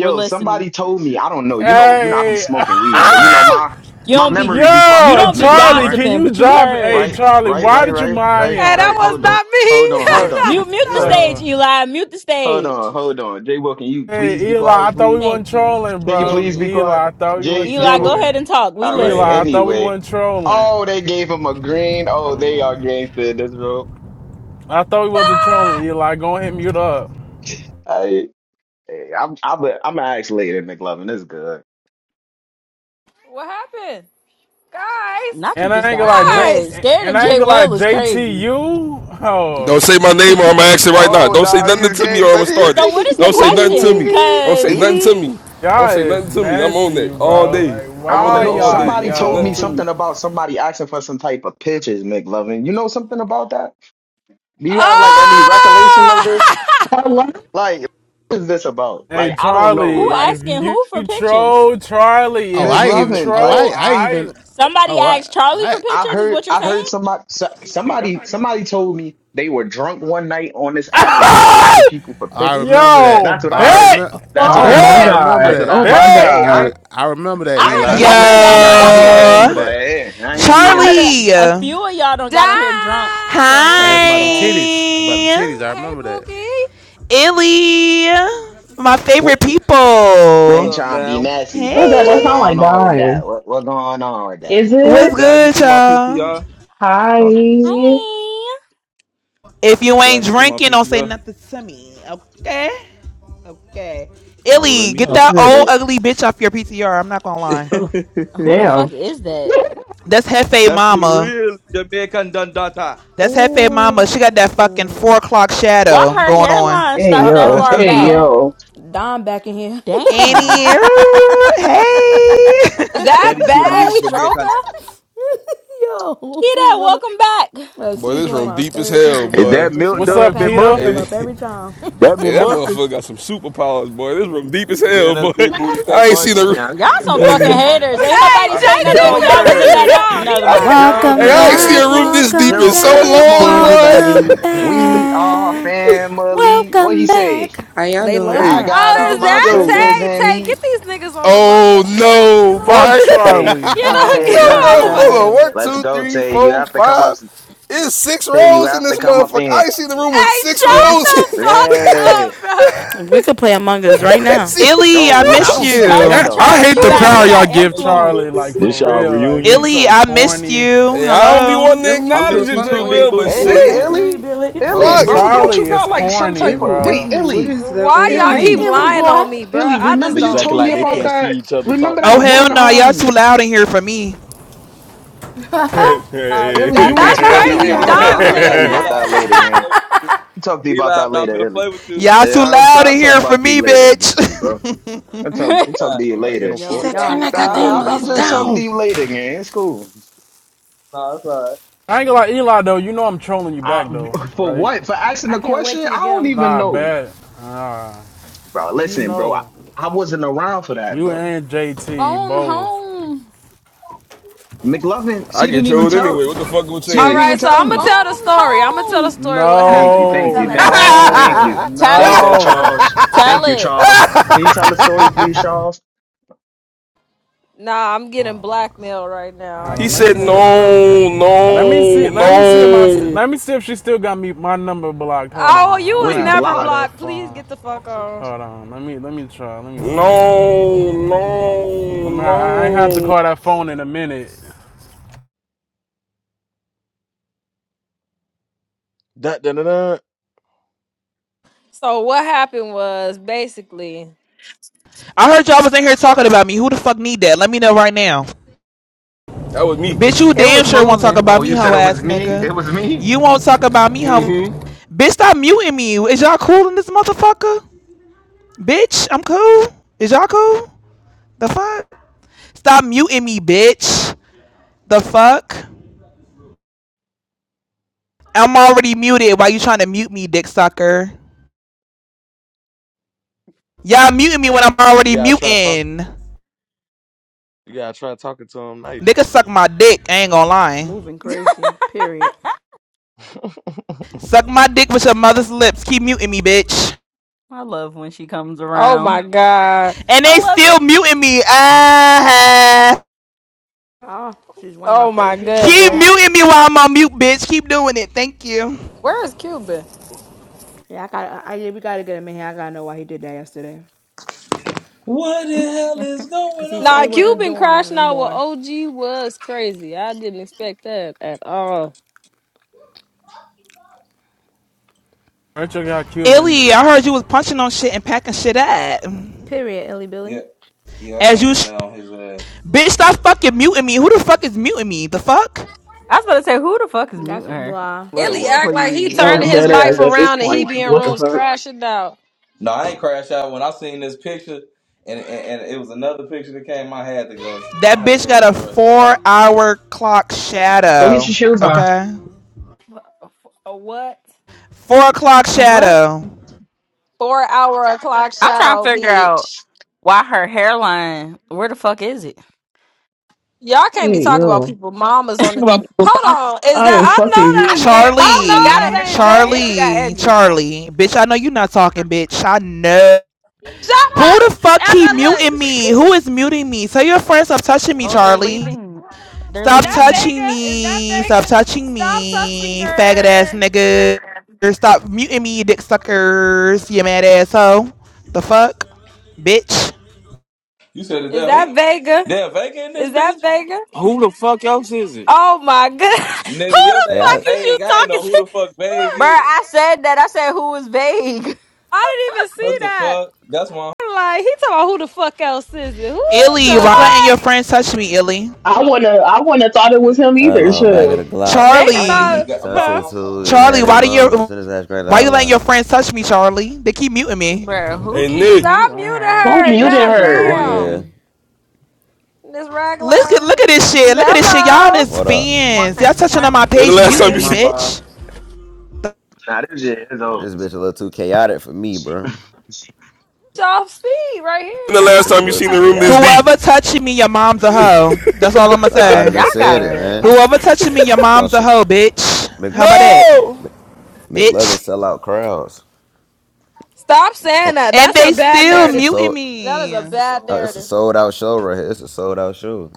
S14: We're
S9: somebody
S14: listening.
S9: told me. I don't know. You know. You know. I be
S12: Hey,
S9: smoking weed, so you
S14: Mm.
S9: know my
S14: You
S9: my
S14: don't be
S9: memory be
S14: you
S9: fucked
S12: yo,
S9: up,
S14: don't be
S9: McLovin,
S12: Charlie,
S9: right?
S12: can
S14: gossiping,
S12: you
S14: but you
S12: drop? Hey,
S14: heard.
S9: Right,
S12: Charlie,
S9: right,
S12: why
S9: right,
S12: did you
S9: right,
S12: mind
S9: right,
S1: Hey,
S12: him?
S1: that
S9: right.
S1: was
S9: Hold on.
S1: not
S9: Hold on,
S1: me.
S9: hold
S12: Uh,
S9: on.
S1: that
S14: Mute
S1: was not me.
S14: mute the
S9: Hold
S14: stage,
S12: yo.
S14: Eli. Mute the
S9: hold on,
S14: stage.
S9: hold on. Jay Will, can you please
S12: Hey
S9: be
S12: Eli, I
S9: quiet,
S12: thought we
S9: please?
S12: weren't
S14: Thank you.
S12: trolling,
S9: Can you
S12: bro.
S9: please
S14: Period.
S9: be quiet?
S12: Eli, I thought we
S9: Jay
S12: weren't
S9: Jay
S14: Eli,
S9: Will.
S14: go ahead and
S12: trolling.
S14: talk. We
S9: All right,
S12: Eli, I
S14: listening.
S12: thought we
S9: anyway.
S12: weren't trolling.
S9: Oh, they gave him a green. Oh,
S12: Hold
S9: they are
S12: on.
S9: gangster in this room.
S12: I thought we wasn't trolling, Eli. Go ahead and mute up.
S9: I, I'm I'm a, I'm an ask later, McLovin. It's good.
S1: What happened? Guys.
S14: Not you
S12: And
S14: just
S12: I ain't
S14: got
S12: gonna like J
S14: scared.
S1: Guys.
S14: Scared
S12: and
S14: of
S12: I
S14: Jay
S12: ain't gonna like
S14: Well is crazy.
S12: JTU. Oh,
S10: Don't say my name or I'm gonna ask it right now.
S9: Oh
S10: Don't say
S9: no,
S10: nothing
S9: he's
S10: to me or I'm
S9: gangster.
S10: gonna start it.
S14: So what is the
S10: Don't say nothing to
S14: question?
S10: me. Don't say
S14: Cause
S10: nothing to
S9: He-
S10: me. Don't
S12: y'all
S10: say
S12: is
S10: nothing to me. I'm on
S12: messy,
S10: that all
S12: bro.
S10: day.
S12: Like
S10: I'm
S9: I
S10: on
S9: don't
S12: why
S10: that
S9: know.
S10: all day.
S12: y'all
S10: Don't
S9: Somebody
S10: say
S9: told
S10: nothing
S9: me
S10: to
S12: yo?
S10: me.
S9: something about somebody asking for some type of pictures, McLovin. You know something about that? Do you have like any recollection of
S1: Oh!
S9: this?
S6: Hello?
S9: Like, what is this about?
S12: Hey
S9: Like, I don't know.
S12: Charlie,
S14: who
S12: if
S9: Like,
S14: asking
S12: you
S14: who for pictures?
S12: troll, Charlie,
S15: Oh,
S12: if
S9: McLovin.
S15: I
S12: you
S15: even. Oh,
S9: Like,
S12: troll,
S15: I. I even.
S12: I
S14: Somebody
S15: Oh, I.
S14: asked Charlie
S15: I.
S14: for
S9: I
S14: pictures, is
S9: heard,
S14: what you're
S9: I
S14: saying?
S9: heard somebody, so- somebody, somebody told me they were drunk one night on this app and was asking people for
S15: I
S9: pictures.
S15: remember
S12: Yo,
S15: that.
S9: That's what
S15: Oh,
S9: I
S15: I
S9: heard.
S12: bet,
S15: remember.
S9: That's what
S15: I,
S6: Oh
S9: I
S15: rem-
S6: my
S15: I
S12: bet,
S9: heard.
S15: remember
S6: god.
S9: That's what
S6: Oh
S9: I
S15: that.
S9: heard.
S6: my
S15: I,
S12: bet.
S9: Hey,
S6: god.
S9: I,
S15: I I remember
S14: I
S15: that
S9: I ain't
S14: heard a
S15: Eli.
S17: Yo,
S9: being
S14: couple of y'all
S6: Oh
S9: messy.
S15: Eli,
S9: I
S14: don't
S15: I,
S9: ain't
S14: got on
S9: being
S15: I
S14: here
S9: messy,
S15: remember
S9: but
S15: that.
S9: eh, I ain't being
S14: I heard a,
S9: messy.
S17: Charlie.
S14: a few of y'all done
S1: Dime.
S14: got on here drunk saying
S15: I asked
S14: crazy
S17: Hi,
S15: about them
S14: stuff.
S15: titties. About them titties. I
S1: Hey,
S15: remember that.
S1: Boogie.
S17: Illy. My
S13: What,
S17: favorite
S9: I
S13: what
S9: ain't
S17: people.
S13: up,
S9: trying to be
S13: Dam?
S9: messy, but
S6: god, that
S9: what's
S17: Hey,
S6: sound like
S9: going on with
S6: dying.
S9: that? What, what's going on with that?
S6: Is
S17: what's
S6: it?
S13: Dam, you
S17: good,
S13: see my
S17: y'all?
S13: PTR?
S9: Going on.
S6: Hi.
S14: Hi.
S17: If you ain't
S13: Dam, you see my
S17: drinking, don't say
S13: PTR?
S17: nothing to me. Okay, okay.
S13: Ah, well, let
S17: Illy,
S13: me
S17: get
S6: Oh,
S13: shut up.
S17: that old
S6: period.
S17: ugly bitch off your PTR. I'm not gonna lie.
S6: Oh,
S14: Who the fuck
S6: damn.
S14: is that?
S17: That's Hefe
S13: That's the
S17: Mama.
S13: real Jamaican Dandata.
S17: That's Hefe Mama.
S14: Ooh.
S17: She got that fucking four o'clock
S14: Why
S17: shadow
S14: her
S17: going on.
S14: hairline
S6: Hey
S5: Uh
S14: start that
S6: yo.
S5: oh.
S14: far
S6: Hey
S5: Uh
S14: back?
S5: oh.
S6: yo.
S5: Don back in here.
S14: Damn.
S17: Annie, hey,
S1: Is
S13: That
S1: that
S13: is the
S1: bag
S13: real
S5: hey
S1: stroker?
S13: Jamaican.
S5: Yo,
S14: Get
S5: she
S14: that.
S5: wanna
S14: Welcome back.
S5: uh,
S10: Boy,
S5: she's
S10: this
S5: one of
S10: room
S5: my
S10: deep as
S5: favorite
S10: hell,
S5: people,
S18: Is
S5: bro, yo,
S10: boy.
S18: that
S5: cause she
S18: Milk
S12: What's
S5: gonna
S12: up,
S18: Dud
S5: pack that
S12: Keita?
S5: girl
S18: McMuffin?
S10: Hey,
S5: up
S10: th-
S5: every time.
S18: That
S10: hey that
S18: McMuffin?
S10: motherfucker got some superpowers, boy. This room deep as
S13: Then
S10: hell,
S13: that's
S10: boy.
S13: Big Booty K
S10: I ain't seen
S13: Bundy.
S10: a room.
S14: Y'all some
S13: What up,
S14: fucking
S13: K
S9: Yeah,
S14: haters.
S13: Bundy?
S14: Ain't
S1: Hey,
S14: nobody
S9: Uh,
S1: JT
S14: say nothing when
S1: finna
S14: y'all was in
S1: piss me
S14: that
S9: Joker,
S14: up.
S1: off. He
S14: Never mind.
S1: really finna
S14: I
S1: piss
S14: ain't
S10: Hey,
S5: Welcome
S1: me
S14: even
S10: I
S14: gonna
S10: ain't
S1: off
S14: go
S10: seen a
S9: Joker,
S5: back,
S1: because
S14: there.
S1: he.
S10: room this deep
S5: welcome
S10: in so
S9: Joker, come
S5: back,
S10: long,
S19: Hey
S9: on up.
S10: boy.
S19: everybody,
S5: welcome
S9: We are
S5: back,
S9: family. What
S5: welcome
S9: he say?
S5: back.
S19: how y'all
S5: They love
S19: doing?
S9: I
S10: hey,
S5: her.
S9: got
S5: She's
S1: Oh,
S9: all
S5: a
S1: is
S9: my
S5: loved
S1: that
S10: yo.
S9: sisters
S5: person.
S1: Tay?
S9: and
S1: Tay, get
S9: me.
S1: these niggas on Among
S10: Oh
S1: Us, Tay. Get them
S10: no,
S12: Fuck
S1: on,
S10: bye.
S9: Tay,
S12: Charlie.
S1: get them,
S19: Oh
S9: Tay,
S1: get them
S10: Yo,
S9: let's
S19: my
S1: on
S10: bro,
S9: go.
S1: Among
S10: hold on.
S1: Us.
S19: god,
S10: One,
S1: Tay.
S9: Let's
S10: two,
S9: go,
S10: three,
S9: Tay. You
S10: four,
S9: have to come up.
S10: five. It's six
S9: Tay, you
S10: rows in
S9: have to
S10: this
S9: come up
S10: motherfucker.
S9: in.
S10: I ain't seen the room with
S1: Hey,
S10: six rows.
S5: Yeah, we,
S1: shut the fuck
S9: here. Yeah.
S1: up, bro.
S5: we could play Among Us right
S10: I ain't
S5: now.
S10: seen the...
S17: Illy,
S9: Oh,
S17: I
S9: we, I
S17: miss
S10: oh,
S9: don't think
S10: shit.
S9: we
S14: Tell
S9: can,
S12: I,
S17: you.
S14: them,
S9: though.
S14: Charlie.
S12: hate
S9: I
S14: You
S12: the
S9: think it
S14: got
S12: power
S14: you
S9: broke.
S12: y'all
S14: got
S13: I
S12: give
S13: miss you too,
S12: Charlie,
S13: Big
S12: like
S14: influence.
S13: Booty
S18: This
S12: for
S18: y'all
S12: real.
S13: Woody.
S12: Like
S18: reunion?
S12: she's
S17: Illy,
S12: so
S17: I missed
S12: corny.
S17: you.
S10: Hey, I don't be
S17: Hello.
S10: wanting to
S19: Illy,
S13: I
S19: who the
S13: miss
S10: acknowledge it,
S13: you
S19: fuck
S10: J.
S13: too,
S19: on
S13: Big
S19: your
S10: Will, but
S13: Booty
S9: Hey,
S10: shit.
S13: Woody.
S5: Hey,
S19: PTR?
S5: Illy
S9: Illy.
S5: Billy.
S13: You can't
S12: Uh,
S9: Illy,
S10: Fuck.
S13: hit
S9: bro,
S13: me
S9: don't
S13: over
S9: you
S12: Charlie
S13: these
S12: is
S9: got like
S13: niggas.
S9: some
S12: corny,
S9: type of.
S19: Ew,
S9: Wait,
S12: bro.
S19: Illy, what
S9: Illy.
S19: is that on
S1: Why
S19: your
S1: y'all
S5: Hey,
S1: keep
S9: Illy.
S5: Illy
S1: lying
S19: PTR?
S5: boy.
S1: on me, bro?
S9: Ellie,
S1: I just
S9: remember you
S18: Niggas
S1: don't
S18: acting
S9: told me
S18: like they
S1: get
S9: about
S18: can't
S1: it.
S18: see
S9: that?
S18: each other, talk
S9: Remember
S18: to
S17: Oh
S9: that
S18: each
S17: hell
S9: one?
S18: other.
S17: no, y'all too
S9: Um,
S17: loud in here for me.
S1: Uh,
S9: Ellie,
S1: that
S9: you ain't
S1: that's
S9: told.
S13: Hey,
S10: shit.
S9: Never
S1: crazy
S13: hey,
S1: if
S9: mind, bro.
S13: Eli,
S1: Dime
S9: I'll
S19: Kita,
S9: tell
S1: saying
S13: Eli,
S9: you
S13: Eli,
S9: about
S1: that.
S9: that
S13: I'm not
S9: later,
S13: finna
S9: gang.
S13: play with you.
S9: I'll talk to you
S13: Eli,
S9: about
S13: I'm
S9: that
S13: not
S9: later,
S13: finna
S9: Ellie.
S13: play with you.
S17: Y'all
S9: Yeah,
S17: too
S9: I'll, t-
S17: loud in
S9: I'll talk
S13: Eli,
S17: here for
S9: about you
S17: me,
S9: later,
S17: bitch.
S9: Richie, bro. I'll talk,
S14: Phone
S9: I'll talk
S13: Eli,
S9: to you
S18: Am I
S9: later.
S18: getting
S19: she
S5: Yo,
S18: fucked?
S19: said,
S13: Eli, I'm
S5: y'all
S19: turn that
S13: not
S9: Nah,
S13: finna
S5: funnier
S13: play
S19: goddamn
S5: than
S13: with
S5: a
S9: I'll,
S13: you.
S9: I'll
S19: noise
S9: just
S5: fuck.
S9: talk to
S19: down.
S9: you later, gang. It's cool.
S13: Nah, that's alright.
S12: I ain't gonna lie, Eli though. You know I'm trolling you back
S9: Uh,
S12: though,
S9: for
S12: right?
S9: what? For asking
S5: I
S9: the
S5: can't
S9: question?
S5: wait till you
S9: I
S5: get get
S9: don't
S5: 'em.
S9: even
S12: Nah,
S9: know,
S12: bet. Nah,
S9: bro.
S12: you
S9: Listen, bro. I,
S12: know,
S9: I wasn't around for that,
S12: you
S9: bro.
S12: and JT both.
S14: home.
S9: McLovin, she
S10: I get
S9: didn't even
S10: trolled anyway.
S9: tell.
S10: What the fuck will
S9: She
S1: All
S9: didn't
S10: change?
S9: even
S1: right, so
S9: tell
S1: I'm gonna
S9: me.
S1: tell the
S14: Phone
S1: story. I'm gonna tell the
S14: home.
S1: story what
S9: Thank
S1: happened,
S9: you,
S1: bro.
S9: thank
S12: No,
S5: Tell
S9: you,
S5: that
S9: thank you,
S5: story, girl.
S9: thank
S12: no,
S9: you. There
S14: Tell
S9: you
S14: it.
S9: go,
S12: no. Hold
S9: Charles.
S14: Tell
S9: Thank you,
S14: it.
S9: Charles. Can you tell a story, please, Charles?
S1: Nah, I'm getting blackmailed right now. I
S10: He
S12: on, let
S1: can't
S12: me
S10: said,
S12: see.
S1: tell. the
S12: it.
S1: Look,
S10: no,
S12: Let me
S10: no,
S12: see. Let me see if my. St-
S10: no,
S12: let me see if she still got me my number blocked. Hold
S1: oh,
S12: on.
S1: you
S12: I'm
S1: was
S12: gonna
S9: Wait,
S12: have to
S1: never
S12: call
S9: block.
S12: that
S1: blocked. Please
S12: phone.
S1: get the fuck on.
S12: Hold on. Let me. Let me try. Let me see.
S10: no,
S12: I'm
S10: no,
S12: gonna, I ain't have to
S10: no.
S12: call that phone in a minute.
S18: Dun, dun, dun, dun.
S1: So what happened was basically.
S17: I heard y'all was in here talking about me. Who the fuck need that? Let me know right now.
S10: That was me.
S17: Bitch, you
S14: It
S17: damn
S14: was
S17: sure won't talk
S14: moving.
S9: Oh,
S17: about me,
S9: you said
S17: hoe
S9: it was
S17: ass
S9: me?
S17: nigga.
S9: It was me?
S17: You won't talk about me, hoe.
S10: Mm-hmm.
S17: Bitch, stop muting me. Is y'all cool in this motherfucker? Bitch, I'm cool. Is y'all cool? The fuck? Stop muting me, bitch. The fuck? I'm already muted. Why you trying to mute me, dick sucker? Y'all muting me when I'm
S18: You
S17: already
S18: gotta try talk.
S17: muting.
S18: You gotta try talking to him nice.
S17: Nigga suck my dick. I ain't gonna lie.
S5: Moving crazy. Period.
S17: Suck my dick with your mother's lips. Keep muting me, bitch.
S14: I love when she comes
S1: Oh my
S14: around.
S1: god.
S17: And
S14: I
S17: they
S14: love
S17: still
S14: it.
S17: muting me. Ah.
S5: Oh, she's one of my
S1: Oh my
S5: favorite people on
S17: Keep
S1: goodness.
S5: that.
S17: muting me while I'm on mute, bitch. Keep doing it. Thank you.
S1: Where is Cuban?
S5: Yeah, I got. I I- yeah, we gotta get him in here. I gotta know why he did that yesterday.
S13: What the hell is
S5: Cause
S13: going
S5: he said
S1: Nah,
S5: he wasn't
S13: on?
S1: Cuban
S5: doing that
S1: crashing
S5: no
S1: out with
S5: more.
S1: OG was crazy. I didn't expect that at all.
S12: Rachel got Cuban.
S17: Illy, I heard you was punching on shit and packing shit up.
S5: Period, Illy
S13: Yeah,
S5: Billy.
S13: yeah, I
S17: As you,
S13: came in now. You
S17: bitch, stop fucking muting me. Who the fuck is muting me? The fuck?
S14: I was about to say, who the fuck is
S5: That's
S14: muting
S5: it,
S14: her?
S5: July.
S13: said
S1: Illy
S14: Like,
S13: what?
S1: act like he
S14: please.
S6: No,
S1: turning his
S6: dead
S1: life
S6: ass at this
S1: around and he
S6: point,
S1: be
S6: because
S1: in
S6: what the
S1: rooms
S6: fuck?
S1: crashing out.
S13: No, I ain't crashed out when I seen this picture, and and, and it was another picture that came. I had to go.
S17: That
S13: I had to
S17: bitch
S13: go
S17: got a
S13: address that. Hold
S17: four
S13: on.
S17: hour clock
S6: Go get
S17: shadow.
S6: your shoes on.
S17: Okay?
S1: A what?
S17: Four o'clock
S14: And what?
S17: shadow.
S1: Four hour o'clock
S14: I'm trying to
S1: shadow,
S14: figure out
S1: bitch.
S14: why her hairline. Where the fuck is it?
S1: Y'all can't be
S6: Hey
S1: talking about
S6: yo.
S1: people. Mamas on the.
S14: About the mom-
S1: Hold on. Is that.
S6: I am
S1: I
S6: fucking
S1: know
S14: I
S1: that.
S6: weak.
S14: can't. My
S1: I
S14: mama got a
S1: know
S17: Charlie,
S1: that ain't
S14: hairline and she
S1: Vega.
S14: got
S17: Charlie,
S14: edges.
S17: Charlie. Bitch, I know you are not talking, bitch. I know.
S1: Shut up.
S17: Who the fuck
S1: And
S17: keep
S1: I
S17: muting
S1: look.
S17: me? Who is muting me? Tell your friends stop touching me,
S14: Oh, they're
S17: Charlie.
S14: leaving.
S1: Hold
S14: They're
S1: on. Is
S17: Stop
S1: that
S14: leaving.
S17: touching
S1: Vega? Is that
S17: me. Stop
S1: Vega?
S17: touching
S1: Stop touching
S17: me, faggot ass
S1: her.
S17: nigga. Stop muting me, you dick suckers. You mad asshole. The fuck? Bitch.
S13: You said is
S1: Is
S13: that
S1: that
S13: who?
S1: Vega?
S13: Damn, Vega in this
S1: Is that
S13: bitch,
S1: Vega?
S16: Who the fuck else is it?
S1: Oh my god. Who
S13: nigga. Your
S1: the
S3: Hey,
S1: fuck
S13: name
S3: I,
S1: is you
S13: Vague. I ain't
S1: talking
S13: know who
S1: to?
S13: the fuck Vague
S14: Bruh,
S13: is.
S14: I said that. I said who is vague.
S1: I didn't even see
S13: What the
S1: that.
S13: fuck? That's why
S1: I'm Like he talking about who the fuck else is it? Who
S3: oh
S17: Illy,
S1: the
S3: boy,
S17: why
S3: uh,
S17: letting your
S1: fuck?
S17: friends touch me, Illy?
S6: I wanna I wanna thought it was him
S3: I don't
S13: I
S6: either.
S3: know.
S13: don't
S3: Back of the
S6: Shit.
S13: know.
S3: Glock.
S13: I
S1: They could
S13: I ain't even
S1: thought,
S17: Charlie,
S13: got buy
S1: huh?
S3: Sunset
S13: my phone.
S3: Tuesday,
S17: Charlie,
S3: handing
S17: why
S3: him
S17: do
S3: up.
S17: you
S3: Send his ass right to
S17: why you letting
S3: Allah.
S17: your friends touch me, Charlie? They keep muting me.
S14: Bruh, who
S10: Hey,
S14: keeps
S10: Nick.
S1: Stop
S14: muting
S1: muting
S14: her?
S6: Who
S1: her.
S14: That
S6: muted
S14: shit
S1: God
S14: is
S6: her?
S3: Yeah.
S1: damn.
S14: annoying.
S1: This
S17: Look at look
S1: ragline
S17: at this shit. Look at this shit. Y'all
S1: mellow.
S17: is
S3: What up?
S17: fans. Y'all touching on my
S10: When the
S17: page,
S10: last
S17: muting
S10: time
S20: Hey,
S10: you
S17: me,
S20: my
S10: see
S20: Bob.
S17: bitch.
S9: Nah, this shit is
S3: This
S9: over.
S3: bitch a little too chaotic for me, bro.
S1: It's off speed right here.
S10: when
S1: You
S10: the
S3: This, this
S10: last
S1: don't
S3: bitch
S10: time
S3: a
S1: like
S10: you
S3: little
S1: this
S10: seen
S3: too
S10: the
S1: type
S10: room
S1: of-
S10: this
S3: chaotic.
S10: deep?
S17: Whoever touching me, your mom's a hoe. That's all I'ma
S3: The
S17: say.
S14: Y'all
S3: audience said
S14: got
S3: it, man.
S14: a,
S17: Whoever touching me, your
S3: Oh,
S17: mom's a
S3: shit.
S17: hoe,
S3: Mc,
S17: bitch.
S3: Mc,
S17: How about that,
S10: No!
S3: Mc- McLovin
S17: bitch?
S3: sell out crowds.
S1: Stop saying
S3: Oh,
S1: that.
S17: And
S1: That's a
S17: they
S1: bad
S3: oh,
S17: still
S3: this
S1: narrative.
S3: is
S17: muting
S3: sold.
S1: That is a
S17: me.
S1: bad
S3: Oh, this is
S1: narrative.
S3: sold out show right here. This is sold out show.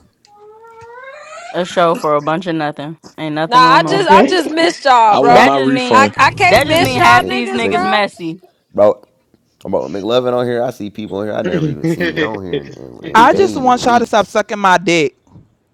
S14: a show for a bunch of nothing. Ain't
S1: Nah,
S14: nothing
S1: I
S14: going on.
S1: just I
S6: Okay.
S1: just missed y'all,
S18: I want
S1: bro.
S14: That
S18: my
S14: just mean
S18: refund.
S1: I, I can't
S14: that just
S3: Mc,
S1: miss
S14: mean
S1: y'all
S14: half
S3: Mc,
S14: these
S1: niggas,
S14: niggas
S3: Mc,
S1: bro.
S14: messy.
S3: bro, bro, McLovin on here. I see people on here I never even seen on here in, in, in
S17: I just
S3: days,
S17: want y'all to stop
S3: weeks.
S17: sucking my dick.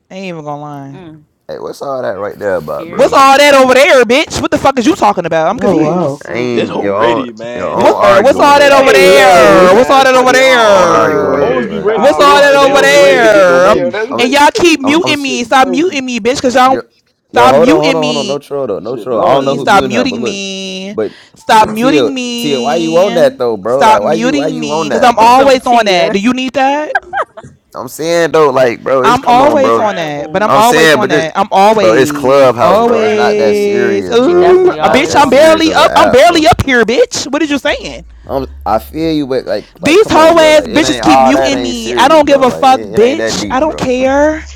S17: I ain't even gonna lie.
S14: Mm,
S3: Hey, what's all that right there about,
S17: What's
S3: bro?
S14: period.
S17: all that over there, bitch? What the fuck is you talking about? I'm
S6: Oh
S3: Like,
S17: confused.
S6: wow.
S3: I
S18: This
S3: ain't
S18: whole
S3: your
S14: Mm-hmm.
S3: own.
S18: ready,
S3: Your
S18: man.
S3: own
S17: What,
S18: This whole
S17: what's
S3: argue
S18: too
S3: on
S17: all that
S3: here,
S17: over
S18: ready.
S3: bro.
S9: Yo,
S3: But
S6: Hey
S3: I
S9: that shit get
S17: there?
S3: don't.
S6: yo.
S17: What's all
S9: mad
S17: that over
S9: funny. I
S3: I
S9: don't
S3: don't argue
S9: argue on
S3: on
S17: there?
S3: here,
S18: Always
S9: here.
S18: be
S3: but.
S9: I
S18: ready
S17: What's
S18: for
S9: don't
S17: all
S18: this,
S17: that
S18: but they
S17: over
S18: don't
S9: argue
S18: be
S9: on
S18: ready to
S9: here.
S18: get no
S17: there? Um,
S9: Yo,
S18: money.
S9: that's
S3: I'm,
S17: And y'all keep
S9: it.
S3: I'm, I'm
S17: muting
S18: This
S3: s-
S18: shit
S17: me.
S18: be
S17: Stop
S18: crazy.
S17: muting me, bitch, because y'all
S3: yo,
S17: don't-
S3: yo,
S17: stop
S3: hold on, hold
S17: muting
S3: on, hold on. No
S17: me.
S3: troll though, no
S18: Shit
S3: troll. I don't
S18: blowing
S3: know who
S18: me.
S17: Stop
S3: muting her, but
S17: muting
S3: look,
S17: me.
S3: but,
S17: Stop
S3: but Tia,
S17: muting
S3: Tia, why you on
S17: me.
S3: that though, bro? Like,
S17: Stop
S3: why you, why
S17: muting
S3: you
S17: me.
S3: on
S17: Because
S3: that,
S17: I'm
S3: bro?
S14: Some
S17: always on that.
S14: Tia.
S17: Do you need that?
S3: I'm saying though, like, bro, it's
S17: I'm
S18: She
S3: come
S18: ain't
S3: on,
S18: on
S17: always
S3: bro.
S17: on
S18: grind
S17: that, but
S18: mode.
S17: I'm
S3: I'm
S17: always
S3: saying,
S17: on
S3: but this,
S17: that. I'm
S3: bro, it's
S18: She
S17: always,
S18: ain't
S3: Clubhouse,
S18: on
S3: bro. It's
S18: grind
S3: not that
S18: mode.
S17: always.
S3: serious,
S14: She
S3: bro.
S17: Ooh,
S3: It's
S14: definitely
S17: uh,
S3: not
S17: bitch,
S14: always
S3: that
S17: I'm
S14: on that.
S3: serious
S17: barely
S3: as an
S17: up. I'm
S3: app, bro.
S17: barely up here, bitch. What is you saying?
S3: I'm, I feel you, but like, like,
S17: These
S3: come
S17: hoe
S3: on, bro.
S17: ass
S3: Like, it
S17: bitches
S3: ain't
S17: keep
S3: all that
S17: muting
S3: ain't
S17: me. I
S3: serious,
S17: don't give
S3: bro.
S17: a
S3: Like,
S17: fuck,
S3: it, it ain't that
S17: bitch. I
S3: deep,
S17: don't
S3: bro.
S17: care.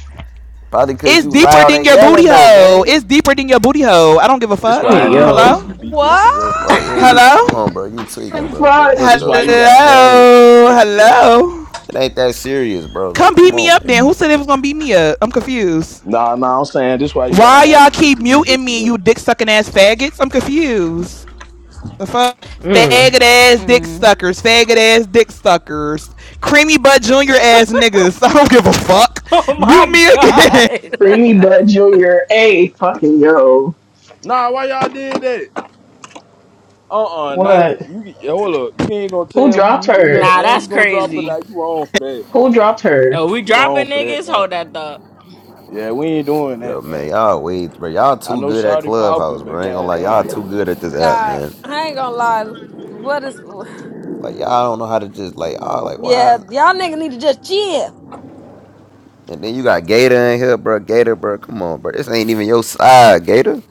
S3: Probably cause
S17: It's
S3: you
S17: deeper
S3: loud
S17: than
S3: and
S17: your booty
S3: yelling though,
S17: hole.
S3: gang.
S17: It's deeper than your booty hole. I don't give a
S18: This
S17: fuck.
S18: why
S6: Hey
S18: I need a
S6: yo.
S18: bitch
S17: Hello?
S14: mm.
S18: to beat
S1: What?
S18: bitches up.
S3: Well, yeah, you come
S17: Hello?
S3: on, bro. You tweaking, bro. But
S6: Fuck.
S3: look
S18: This
S3: though,
S18: why you
S3: bro.
S18: gotta
S3: Like it
S18: have a
S3: ain't
S18: bitch to beat
S17: Hello?
S18: bitches up.
S17: Hello?
S3: it ain't that serious, bro.
S17: Come
S3: Like come
S17: beat me
S3: on,
S17: up
S3: man.
S17: then. Who said it was gonna beat me up? I'm confused.
S18: Nah, nah, I'm saying this why you gotta
S17: Why
S18: have a
S17: y'all
S18: bitch
S17: keep
S18: to beat
S17: muting
S18: bitches
S17: me,
S18: up.
S17: you dick sucking ass faggots? I'm confused. The fuck?
S6: Mm.
S17: Faggot ass dick suckers. Faggot ass dick suckers. Creamy butt junior ass niggas. I don't give a fuck.
S14: Oh
S17: Mute
S14: my
S17: me again.
S14: god.
S6: Creamy Butt Junior. Hey fucking yo.
S18: Nah, why y'all did that? Uh uh nah,
S6: What?
S18: you hold up. You ain't gonna
S6: Who
S18: tell who
S6: dropped
S18: muting her
S6: her?
S14: nah,
S18: and
S14: that's
S18: you gonna drop it
S14: crazy.
S18: out. You wrong for that.
S6: Who dropped her?
S14: Oh, we
S18: You wrong
S14: dropping
S18: for that,
S14: niggas? Hold
S18: man.
S14: that up.
S18: Yeah, we ain't doing
S3: Yo,
S18: that,
S3: man,
S18: man.
S3: y'all way, bro. Y'all
S18: I
S3: too
S18: know
S3: good at
S18: Shawty popping,
S3: Clubhouse,
S18: but
S3: bro. Ain't gonna lie, y'all
S18: goddamn.
S3: too good at this app,
S1: God,
S3: man.
S1: I ain't gonna lie. What is?
S3: Like y'all don't know how to just like, y'all like why?
S1: Yeah,
S3: Is,
S1: y'all niggas need to just chill.
S3: and then you got Gator in here, bro. Gator, bro. Come on, bro. This ain't even your side, Gator.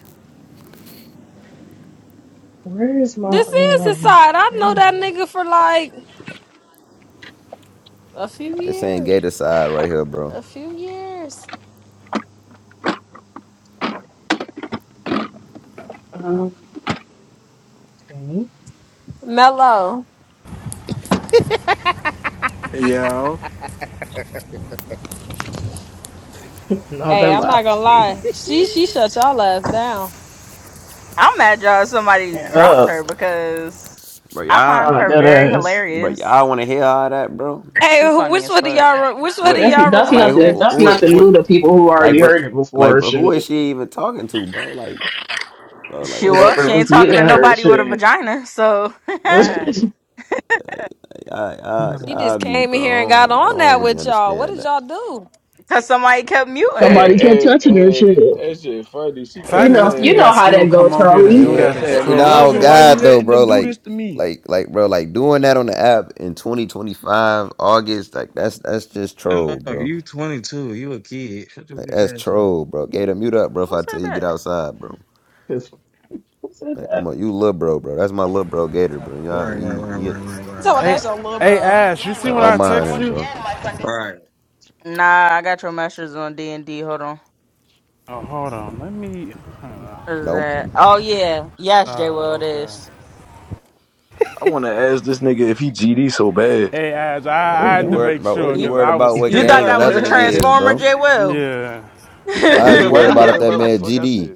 S6: Where is my
S1: This is his
S6: um
S1: side. I know
S6: damn.
S1: that nigga for like a few
S3: This ain't
S1: years.
S3: Gator side right here, bro.
S1: A few years.
S6: Um okay.
S1: Mello.
S20: Yo,
S6: No,
S1: Hey,
S6: that
S1: I'm not
S6: laugh is
S1: gonna lie.
S6: crazy.
S1: She she shut y'all ass down.
S14: I'm mad y'all somebody
S6: And
S14: dropped
S6: up.
S14: her because
S3: Bro,
S14: I
S3: y'all,
S14: find
S6: Ah,
S14: her
S6: that
S14: very
S6: ass.
S3: bro, y'all
S14: hilarious.
S3: want to hear all that, bro?
S1: Hey,
S14: She funny
S1: which
S14: as
S1: one of
S14: fuck.
S1: y'all? Re- which one of
S3: What,
S6: That's
S1: y'all
S6: that's
S3: like
S1: removed
S6: nothing.
S1: her?
S3: who,
S6: That's
S3: who,
S6: nothing new
S3: who,
S6: to people who
S3: like
S6: already
S3: bro,
S6: heard it
S3: like
S6: before.
S3: bro, who is
S6: Shit,
S3: she even talking to, bro? Like bro. Like
S14: She
S3: it's,
S14: well, she
S6: whoever was
S14: ain't talking
S6: healing
S14: to
S6: her,
S14: nobody with a
S6: shit.
S14: vagina, so
S3: I,
S1: She
S21: No,
S3: I,
S1: just
S3: I be,
S1: came in
S3: bro.
S1: here and
S3: I
S1: got
S3: don't, I
S1: on
S3: don't
S1: that
S3: really
S1: with y'all. What
S3: understand
S1: did
S3: that.
S1: y'all do?
S14: cause somebody kept muting her.
S18: Hey,
S6: Somebody kept
S18: hey,
S6: touching her,
S18: hey,
S6: shit.
S18: that shit funny. She
S12: The
S6: You
S12: fact
S18: kept
S12: that
S6: know,
S12: there's
S6: you
S12: people
S18: saying,
S6: know
S12: that
S6: how
S12: still
S6: that
S12: come
S6: goes,
S12: on here to
S18: she
S6: Charlie.
S12: do
S3: Yeah,
S18: kept
S12: that is
S18: saying,
S12: troll
S3: and
S18: man,
S12: as
S3: oh
S18: loving, why you
S3: God,
S12: shit.
S3: though,
S18: letting them
S3: bro.
S18: do
S3: Like,
S18: this to me?
S3: like, like, bro. Like doing that on the app in 2025 August, like that's that's just
S21: no,
S3: troll,
S21: no,
S3: bro.
S21: you 22. You a kid. Shut your
S3: Like
S21: bitch
S3: that's
S21: ass up.
S3: troll, bro. Gator, mute up, bro. If
S14: Who
S3: I
S14: said
S3: tell you get
S14: that?
S3: outside, bro.
S6: 'Cause who said
S3: Like I'm
S6: that?
S3: a you little bro, bro. That's my little bro, Gator, bro. Yeah,
S21: Right, right,
S3: he,
S21: right, right,
S3: he,
S21: right,
S1: You
S21: right,
S1: talking about
S21: right,
S12: Hey,
S1: that's
S21: right.
S1: your little
S12: hey,
S1: bro.
S12: Ash. You see
S3: I
S12: when
S3: don't
S12: I
S3: mind
S12: text
S3: him,
S12: you?
S3: bro.
S21: Right.
S14: Nah, I got your message on D and D. Hold on.
S12: Oh, hold on. Let me.
S14: Is
S3: Don't.
S14: that? Oh yeah,
S12: Oh,
S14: yes, J. Will
S12: Uh,
S14: it
S12: okay.
S14: is.
S18: I wanna ask this nigga if he GD so bad.
S12: Hey, Ash.
S3: Bro, what
S12: I,
S6: Oh
S12: I
S3: did you
S12: had to
S6: damn.
S3: worry,
S12: make
S3: bro? What did
S12: sure
S3: you
S14: You
S12: because
S3: worried
S12: I
S3: about?
S12: was.
S3: What
S14: you thought
S3: gang
S14: that was
S3: another
S14: a
S3: nigga is,
S14: transformer,
S3: bro?
S14: J. Will?
S12: Yeah.
S3: Why is
S18: Nick,
S3: you
S18: why
S3: worried
S18: you
S3: about
S18: worry
S3: if that
S18: about what the
S3: man
S18: fuck I
S3: GD?
S18: said?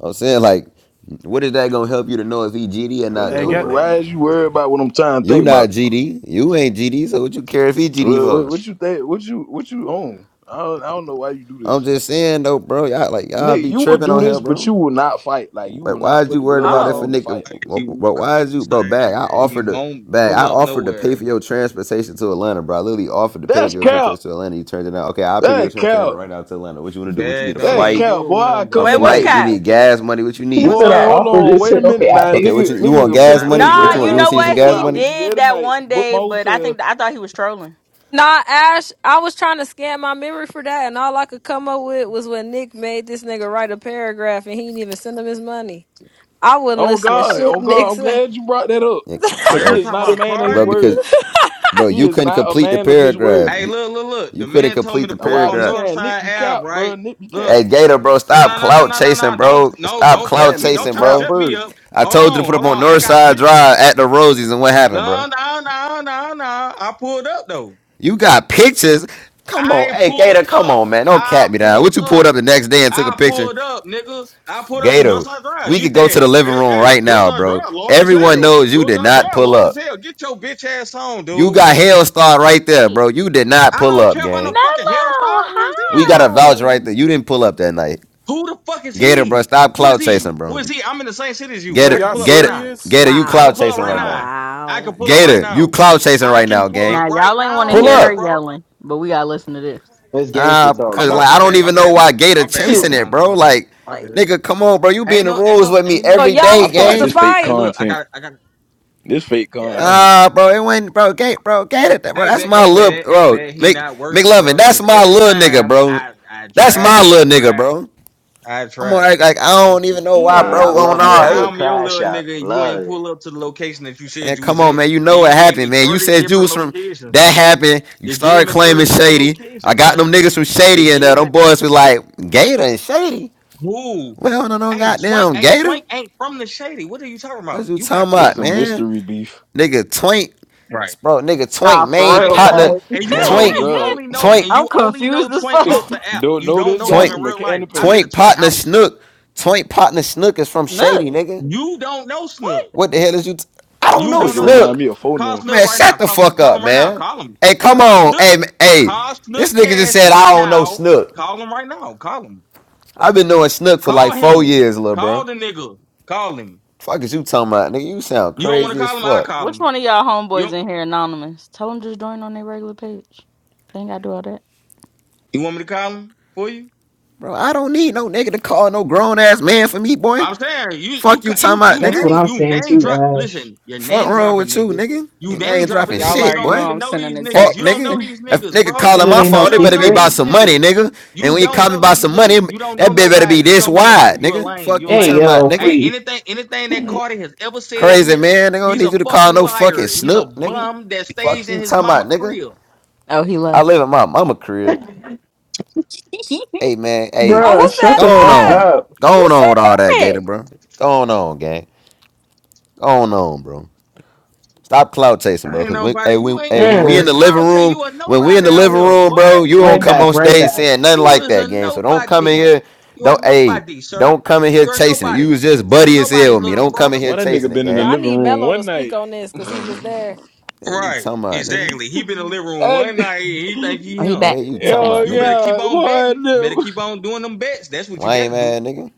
S3: I'm saying like, what is that gonna help you to know if he GD or
S18: What,
S3: not
S12: Hey,
S3: though,
S18: what,
S12: get.
S18: why
S3: bro?
S18: is you worried about what I'm trying to
S3: You
S18: think
S3: not
S18: about?
S3: GD, you ain't GD, so what you care if he GD
S18: What, what,
S3: for?
S18: what you think? What you what you own? I don't, I don't know why you do
S3: I'm
S18: this,
S3: just saying though, bro. Y'all like y'all
S18: Nick.
S3: be
S18: You will
S3: tripping
S18: do
S3: on
S18: this,
S3: him,
S18: but
S3: bro.
S18: you will not fight. Like you will
S3: Like, why
S18: not
S3: is
S18: put
S3: you
S18: the
S3: worried about
S18: gloves
S3: if a
S18: on
S14: oh
S18: and
S3: nigga?
S18: fight niggas.
S21: He
S3: Bro,
S21: won't come
S3: why is you, bro? Bag, I
S21: outside.
S3: offered
S21: He
S3: to
S21: won't
S3: bag, I
S21: pull up
S3: offered to pay for
S21: nowhere.
S3: your transportation to Atlanta, bro. I literally offered to pay for
S18: That's
S3: your
S18: cap.
S3: transportation to Atlanta. You turned it down. Okay, I'll pay for your
S18: That
S3: transportation
S18: cap.
S3: right now to Atlanta. What you want to do? What you
S21: Dad,
S3: need a
S21: don't
S18: That
S21: even
S3: flight?
S18: cap.
S21: do it
S18: Boy,
S21: with
S18: I
S21: him,
S3: A
S18: come
S21: bro.
S14: wait,
S21: He
S14: what's
S3: flight?
S18: tonight.
S3: You
S21: not
S14: Cap?
S21: gonna
S3: need
S21: pull up.
S3: gas money? What you
S6: He
S3: need?
S14: What's
S6: said I
S18: Boy,
S14: Cap?
S18: hold
S6: offered
S18: on.
S6: this
S18: Wait a
S6: shit. Okay,
S18: minute
S6: I
S18: now,
S6: pay
S3: Okay, what
S18: nigga.
S6: for
S3: you
S6: it.
S3: you
S18: Nigga,
S3: want
S18: will
S21: He
S18: pay
S3: gas
S18: for
S21: not.
S18: that
S21: He
S3: money?
S14: Nah,
S3: What you
S21: not
S3: want?
S14: you
S3: You
S21: gonna
S18: Greyhound
S3: want
S14: know
S3: to see some
S21: pull
S18: ticket.
S14: what?
S21: up.
S18: Boy,
S3: gas
S14: He
S18: I will
S3: money?
S18: be there
S14: did that
S18: tonight.
S14: one
S18: Book my
S14: day, but I
S18: hotel.
S14: think I thought he was trolling.
S1: Nah, Ash. I was trying to scan my memory for that, and all I could come up with was when Nick made this nigga write a paragraph, and he didn't even send him his money. I wouldn't
S18: Oh
S1: listen to
S18: God.
S1: shit
S18: Oh
S1: Nick
S18: God. I'm
S1: said.
S18: glad you brought that up,
S3: Yeah,
S21: Are
S18: cause
S21: y'all
S18: he
S3: bro,
S18: is
S21: talking
S18: not a
S21: about
S18: man of his
S3: bro,
S21: Cardi?
S3: because
S18: word.
S3: bro,
S18: He
S3: you
S18: is
S3: couldn't
S18: not a
S3: complete the
S18: man of his
S3: paragraph.
S18: word.
S21: Hey,
S3: You
S21: look, look, look.
S3: you
S21: The
S3: couldn't
S21: man told
S3: complete
S21: me to
S3: the
S18: That's
S21: pull up
S18: why I be
S21: on
S3: paragraph.
S18: saying Nick
S21: Northside
S18: be
S21: Ave,
S18: cap, bro.
S21: right?
S18: Nick be cap.
S21: Look.
S3: Hey, Gator, bro,
S21: No,
S3: stop
S21: no, no, no,
S3: clout
S21: no, no,
S3: chasing,
S21: no. Don't,
S3: bro.
S21: no,
S3: Stop
S21: don't shut
S3: clout
S18: Man
S21: me.
S18: is a
S21: Don't
S3: chasing,
S21: try to
S3: bro.
S21: shut me
S18: capper.
S21: up.
S3: I
S21: Hold
S3: told you to
S21: on,
S3: put up
S21: hold
S3: on
S21: on. I got
S3: Northside
S21: pictures.
S3: Drive at the Rosies, and what happened, bro?
S21: No, no, no, no, no. I pulled up though.
S3: You got pictures. Come on,
S21: I
S3: hey
S21: pulled
S3: Gator, come
S21: up.
S3: on, man. Don't
S21: I
S3: cat me down.
S21: pulled
S3: What you pulled
S21: up.
S3: up the next day and took a
S21: I
S3: picture,
S21: pulled up, nigga. I pulled up to
S3: Gator?
S21: Northside Drive.
S3: We
S21: You
S3: could go
S21: said,
S3: to the living
S21: hey,
S3: room
S21: hey
S3: right now,
S21: Northside
S3: bro.
S21: Drive long as
S3: Everyone
S21: hell.
S3: knows you did
S21: Northside
S3: not
S21: Drive
S3: pull
S21: long as
S3: up.
S21: hell. Get your bitch ass on,
S3: You
S21: dude.
S3: got hell starred right there, bro. You did not
S21: I
S3: pull
S21: don't
S3: up,
S21: care about
S3: gang.
S21: no fucking Hellstar. Who is
S3: We
S21: he?
S3: got a vouch right
S14: No.
S3: there. You didn't pull up that night.
S21: Who the fuck is
S3: Gator, bro,
S21: he?
S3: stop
S21: Who is
S3: cloud
S21: he?
S3: chasing,
S21: Who is
S3: bro.
S21: he? I'm in the same city as you.
S12: Well,
S21: I
S3: Gator,
S21: can
S12: y'all
S21: pull up right
S3: Gator,
S5: Mm.
S21: now.
S12: serious?
S3: Gator, you
S21: I
S3: cloud
S21: can
S5: Wow,
S21: pull up
S3: chasing
S21: right
S3: right
S5: wow,
S3: now.
S21: now. I can
S5: wow.
S21: pull up right
S3: Gator, you
S21: now.
S3: cloud chasing
S21: I
S3: right
S21: can
S3: now,
S21: pull
S3: gang.
S21: up
S14: Now
S21: right
S14: y'all ain't want
S21: now,
S14: to
S3: Pull
S14: hear her
S21: little
S3: up.
S21: brother.
S14: yelling, but we gotta listen to this.
S9: It's gangster
S3: Uh,
S9: talk
S21: Oh
S3: cause
S21: my,
S9: though.
S3: like I
S21: my
S3: don't
S21: bad, my
S3: even know
S21: bad,
S3: why
S21: Po-
S3: Gator
S21: my bad,
S3: chasing it,
S21: Pocahontas,
S3: bro.
S21: my bad,
S3: Like,
S21: my
S14: like,
S21: bad.
S3: nigga, come on, bro. You be in
S21: Ain't
S3: the
S21: no, ain't
S3: rules
S21: no,
S3: with me
S21: ain't
S1: So
S21: no,
S3: every
S21: ain't
S1: y'all
S3: day,
S18: I
S1: was
S21: no.
S18: feel
S1: supposed
S18: like
S1: to
S18: this
S3: gang.
S18: fake
S21: Hey,
S1: fight.
S21: look, I
S18: content.
S21: got, I got,
S18: This fake
S21: yeah.
S18: content.
S3: Ah, uh, bro, it went, bro, Gator, bro, Gator, bro.
S21: Hey,
S3: That's
S21: bad,
S3: my
S21: hey,
S3: little,
S21: bad, hey,
S3: bro,
S21: bad. He
S3: Mc,
S21: not worth it,
S3: McLovin.
S21: bro.
S3: That's
S21: Cause
S3: my
S21: every
S3: little nigga,
S21: time
S3: bro.
S21: I, I
S3: That's
S21: tried,
S3: my
S21: I
S3: little nigga,
S21: tried,
S3: bro.
S21: I
S3: I'm going
S21: tried,
S3: like I
S21: I
S3: don't even
S21: tried.
S3: know why,
S9: Hey,
S5: Eli
S9: I
S3: bro. On
S9: love me a
S5: annoying.
S3: all,
S21: How
S9: good
S21: I'm your
S9: cry
S21: little
S9: shot.
S21: nigga and you
S9: Love
S21: ain't
S9: it.
S21: pull up to the location that you said
S3: And
S21: you
S3: come
S21: was
S3: on,
S21: at?
S3: man, you
S21: You
S3: know what
S21: you gave
S3: happened,
S21: me
S3: man. You
S21: thirty
S3: said you
S21: different
S3: was from
S21: locations,
S3: that
S21: son.
S3: happened. You
S21: You gave
S3: started
S21: me thirty
S3: claiming
S21: different
S3: shady. I
S21: locations,
S3: got
S21: son.
S3: them niggas from
S21: You
S3: shady, and uh,
S21: gave me
S3: them boys was like Gator and shady.
S21: who?
S3: Well, no, no,
S21: Hey, Twink,
S3: goddamn
S21: hey,
S3: Gator.
S21: Twink ain't from the shady. What are you talking about?
S3: What you
S21: You got
S3: talking
S18: This
S3: about,
S21: Twink
S18: some
S21: on here.
S3: man?
S18: mystery beef.
S3: Nigga Twink,
S21: Right.
S3: bro. Nigga Twink,
S14: nah, for
S3: main
S21: Twink
S14: real,
S21: came from the
S3: partner.
S14: babe.
S21: and you only
S18: oh
S3: Twink,
S21: and you
S18: god.
S21: only know
S3: Twink,
S21: and you
S14: I'm
S21: only know
S14: confused as
S21: Twink
S14: fuck.
S21: off the app.
S18: Don't
S21: You
S18: know
S21: don't
S18: this
S21: know
S18: guy
S21: him
S3: Twink,
S21: in
S18: from a
S21: real
S18: can
S21: life.
S18: of
S21: I've
S18: paint.
S21: been to
S3: Twink
S21: Twink
S3: partner
S21: house.
S3: Snook. Twink partner Snook is from
S14: Nut.
S3: shady, nigga.
S21: You don't know
S14: What?
S21: Snook.
S3: What the hell is you? T- I don't
S21: You
S18: This
S3: know
S21: don't
S18: nigga
S21: know
S18: remind
S21: Snook.
S3: Snook.
S18: me of
S21: Call
S18: Fonil.
S21: Snook
S3: Man,
S21: right now.
S3: shut the
S21: Call,
S3: fuck
S21: call
S3: up,
S21: him right now.
S3: man.
S21: Call him.
S3: Hey, come
S21: Call
S3: on.
S21: Snook.
S3: Hey, hey.
S21: Call
S3: This
S21: Snook
S3: nigga just
S21: Cash
S3: said
S21: right
S3: I don't know
S21: now.
S3: Snook.
S21: Call him right now. Call him.
S3: I've been knowing Snook for like
S21: Call
S3: four
S21: him.
S3: years, little
S21: Call
S3: bro.
S21: the nigga. Call him.
S3: Fuck is you talking about, nigga? You sound
S21: You don't want
S3: crazy
S21: to
S3: as
S21: call him? I
S3: fuck,
S21: call
S14: Which
S21: him.
S14: one of y'all
S21: You
S14: homeboys
S21: don't-
S14: in here anonymous? Tell them just join on their regular page. They ain't gotta do all that.
S21: you want me to call him for you?
S3: bro. I don't need no nigga to call no grown ass man for me, boy.
S21: I'm saying you you
S3: Fuck you
S21: cu-
S3: talking
S21: you
S3: about,
S21: you
S6: That's
S3: nigga.
S6: what
S21: name
S6: I'm
S21: you
S6: saying
S21: name
S6: too,
S21: drop.
S6: Ash.
S21: Listen, you're
S3: Fuck
S21: name
S3: wrong
S21: dropping
S3: with you,
S21: niggas.
S3: nigga.
S21: You
S3: Ain't I
S21: name
S3: ain't
S21: dropping
S14: Mm,
S3: dropping
S21: niggas,
S14: Y'all
S21: and you
S3: shit,
S14: already
S21: don't
S3: boy.
S14: know
S21: even
S14: I'm
S21: know
S14: sending
S21: these
S14: a
S21: niggas.
S3: Fuck,
S21: You don't
S14: text.
S3: nigga.
S21: know these
S3: If
S21: niggas,
S3: nigga
S6: She
S21: bro.
S6: said
S3: calling
S6: it
S3: my
S6: ain't no
S21: You
S3: phone, it
S21: don't
S3: better be
S21: know
S6: secret.
S3: about
S21: these
S3: some money,
S21: niggas.
S3: nigga. And
S21: You
S3: when you
S21: don't
S3: call me
S21: know
S3: about
S21: these
S3: some money,
S21: niggas. You don't
S3: that
S21: know
S3: bitch better be
S21: nobody. You
S3: this
S21: don't know nobody.
S3: wide,
S21: You a
S3: nigga.
S21: lame.
S3: Fuck
S21: You a
S3: you
S6: Hey
S3: talking
S21: lame.
S3: about,
S6: yo,
S3: nigga.
S21: Hey,
S6: please,
S21: anything anything that Carter has ever said in
S3: Crazy
S21: here,
S3: man, they gonna
S21: he's
S3: need
S21: a
S3: you to call
S21: fucking
S3: no fucking
S21: liar. He's a
S3: snook, nigga.
S21: bum that
S3: Fuck
S21: stays in
S3: you
S21: his
S3: talking about,
S21: mama
S3: nigga.
S21: crib.
S14: Oh, he
S3: I live
S14: left.
S3: in my mama crib.
S14: Who
S3: Hey man, hey,
S1: Oh, who
S6: bruh,
S1: said
S6: shut the
S3: go on,
S6: fuck
S1: that?
S3: on.
S6: up.
S3: go on, on
S14: said
S3: with all that,
S14: that?
S3: Gator, bro. Go on, on, gang. Go on, on, bro. Stop cloud chasing,
S21: I
S3: bro.
S21: ain't
S3: Cause when,
S21: nobody.
S3: hey,
S21: You
S3: when,
S21: ain't
S3: hey, when
S21: nobody.
S3: we in
S21: The
S6: Mm,
S3: the living
S21: clown tell
S3: room,
S21: you a
S3: when we in
S21: nobody
S3: the
S21: out
S3: living
S21: here,
S3: room,
S21: boy.
S3: bro, you don't
S6: right
S3: come
S6: back,
S3: on
S6: right
S3: stage
S6: back.
S3: saying nothing
S21: You
S3: like
S21: was
S3: that,
S21: a
S3: gang. So don't come in
S21: nobody.
S3: here,
S21: You are
S3: don't, hey,
S21: nobody, sir.
S3: don't come in here
S21: You're
S3: chasing it. You
S21: nobody.
S3: was just
S21: You're
S3: buddy as hell
S21: nobody,
S3: with me.
S21: little
S3: Don't come in
S21: brother.
S3: here
S18: Boy, that
S3: chasing
S18: nigga
S3: it,
S18: been in the
S1: Yeah,
S3: gang.
S1: I
S18: living
S1: need
S18: room
S1: Mello to
S18: one
S1: speak
S18: night.
S1: on this because he was there.
S3: Hey, you
S21: Right.
S3: talking about, nigga?
S21: Exactly. He been in the living room
S18: and,
S21: one night and he think he
S14: Oh, he
S21: him.
S14: back.
S3: Hey, you
S14: He
S3: talking
S14: back.
S18: yo,
S3: about,
S21: You
S3: nigga?
S21: better keep
S18: yeah,
S21: on
S18: boy,
S21: betting. Better
S18: no.
S21: keep on doing them bets. That's what you better
S3: Lame
S21: do.
S3: ass nigga.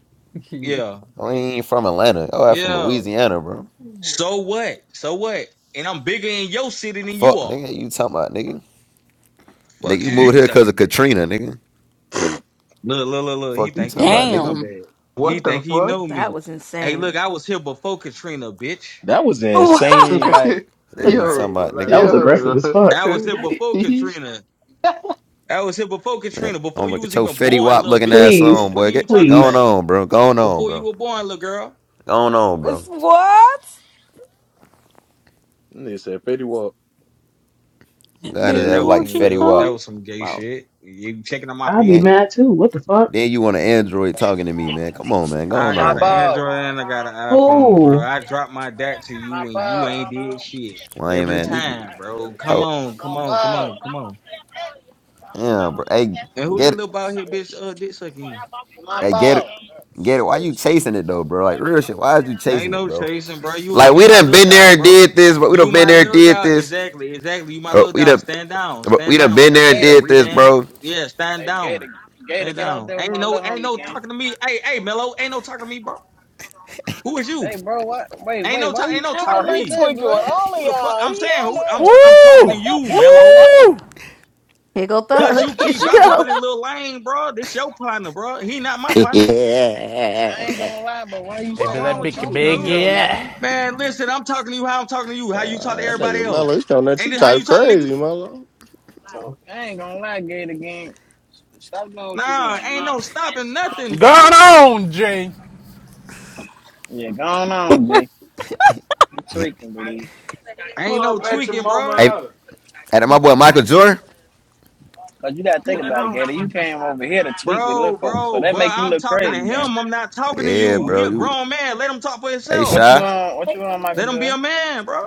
S21: Yeah.
S3: I ain't from Atlanta. Oh, I'm from
S21: Yeah.
S3: Louisiana, bro.
S21: So what? So what? And I'm bigger in your city than you
S3: Fuck,
S21: are.
S3: nigga. You talking about, nigga? Nigga,
S21: Fuck
S3: you
S21: is you
S3: moved here because
S21: talking
S3: of
S21: about?
S3: Katrina, nigga.
S21: Look, look, look, look. He
S3: Fuck you
S21: think he
S3: talking
S21: know
S3: about,
S21: me, huh,
S3: nigga?
S14: Damn.
S21: bad? He
S9: What the
S21: think he
S9: fuck?
S21: know
S5: That
S21: me.
S5: was
S21: Hey, look,
S5: insane.
S21: I was here before Katrina, bitch.
S18: that was
S1: What?
S18: insane. Like,
S3: Yeah,
S18: they,
S3: you
S18: I
S9: yo,
S3: talking
S18: ain't gonna
S3: about,
S18: lie,
S6: That
S18: that
S3: nigga?
S18: was
S6: was
S18: crazy.
S6: aggressive
S9: yo.
S6: as fuck.
S21: I was here before Katrina. I was here before
S3: Man,
S21: Katrina,
S3: I'm
S21: before
S3: gonna
S21: you
S3: get
S21: was
S3: your
S21: even
S3: Fetty
S21: born,
S3: Wap
S21: little
S3: looking
S21: bitch.
S3: ass
S6: Please,
S3: on,
S21: What
S3: boy.
S21: are you
S3: Get
S21: talking
S3: going
S21: about?
S6: please.
S3: on, bro. Going on,
S21: Before you
S3: bro.
S21: were born, little girl.
S3: Going on,
S1: It's
S3: bro.
S1: what?
S18: And they said, Fetty Walk.
S3: God is
S21: Yeah, that
S3: that
S14: Baby,
S21: was
S3: like
S21: some
S14: won't you
S3: Fetty
S21: real, that
S3: Wap.
S14: come?
S21: was some gay
S14: Oh.
S21: shit. You checking on my
S6: I'll be
S3: Then,
S21: features?
S6: mad too. What the fuck?
S3: then you want an Android talking to me, man. Come on, man.
S21: I
S3: Going
S20: My
S21: got
S3: on,
S21: an
S3: bro.
S20: ball.
S21: Android and I got an iPhone, bro.
S6: Who?
S21: I dropped my dat to
S20: My
S21: you and you
S20: ball.
S21: ain't did shit
S3: Lame
S21: every
S3: man, nigga.
S21: time, bro. Come
S3: Oh,
S21: on,
S20: My
S21: come on, come
S20: ball.
S21: on, come on.
S3: yeah, bro. Hey,
S21: And who this
S3: get
S21: little
S3: it.
S21: bald head bitch uh dick sucking you?
S20: My
S3: Hey, get it.
S20: ball.
S3: Get it. Why
S20: Oh,
S3: you
S20: shit.
S3: chasing it though, bro? Like real shit. Why is you
S21: Ain't
S3: chasing it,
S21: no
S3: bro?
S21: chasing, bro. You
S3: Like
S21: you
S3: we
S21: my
S3: done
S21: little
S3: been there
S21: dog,
S3: and
S21: bro.
S3: did this, but we done
S21: You
S3: been
S21: my
S3: there and
S21: little
S3: did
S21: dog.
S3: this.
S21: Exactly, exactly. You my little
S3: But we
S21: dog.
S3: done,
S21: Stand down,
S3: but
S21: stand
S3: we done
S21: down.
S3: been
S21: Like I
S3: there and
S21: said,
S20: Gator.
S3: did this,
S21: redan.
S3: bro.
S21: Yeah, stand
S20: Hey, Gator.
S21: down,
S20: Gator,
S21: stand
S20: get out
S21: down.
S20: there with
S21: Ain't
S20: my
S21: no
S20: little
S21: ain't
S20: homie
S21: no
S20: gang.
S21: talking to me. Hey hey, Mello, ain't no talking to me, bro. Who is
S20: Hey,
S21: you?
S20: bro, what? Wait,
S21: Ain't
S20: wait.
S21: no
S20: Why
S21: talk.
S20: you
S21: Ain't no
S7: Oh,
S20: talking
S21: talking to
S7: he
S20: like
S21: me.
S20: that,
S7: tweaking with
S20: blood?
S7: all of
S21: Who the fuck?
S7: y'all.
S21: I'm
S7: He
S21: saying
S7: on
S21: who? I'm
S7: that.
S21: I'm talking to
S12: Woo!
S21: you, Mello.
S12: Woo!
S5: Here go
S21: Cause
S5: Thug.
S21: you
S5: Here
S21: keep
S5: she
S21: vouching for
S5: go.
S21: this little lane, bro. This your partner, bro. He not my partner.
S20: I
S11: yeah,
S20: ain't gonna lie, but why you
S12: Hey,
S21: What
S12: but
S20: saying
S21: wrong
S12: that
S20: no
S21: with
S12: big,
S21: you,
S20: talking to
S12: big,
S20: you
S21: dude?
S20: though,
S12: yeah.
S20: gang?
S21: Man, listen, I'm talking to you how I'm talking to you, how you talk to
S11: Uh, that
S21: everybody
S11: nigga
S21: else.
S11: Mello, he's telling that
S21: Ain't
S11: you
S21: this how you
S11: type
S21: talk to niggas?
S11: crazy, Mello.
S6: So
S20: I ain't gonna lie, Gator gang. Stop doing what you doing,
S21: Nah, ain't no
S20: G.
S21: stopping nothing, bro.
S12: Gone on, Jay.
S20: Yeah, go on, on, G. You tweaking, believe.
S18: Pull
S21: Ain't no
S18: up at your
S21: tweaking,
S18: mama
S21: bro.
S3: Hey,
S18: house.
S3: and my boy Michael Jordan.
S20: Cause you gotta think about it, Gator. You came over here to tweak with little
S21: Bro,
S20: folks, so
S21: bro,
S20: that
S21: but
S20: make you
S21: I'm
S20: look
S21: talking to
S20: crazy, gang.
S21: him. I'm not talking to
S3: Yeah,
S21: you. He
S3: bro.
S21: a
S3: You,
S21: grown man. Let him talk for
S3: hey,
S20: What
S21: himself.
S20: you
S3: shy.
S20: on? What you on, Michael
S21: Let him be
S20: Jordan?
S21: a man, bro.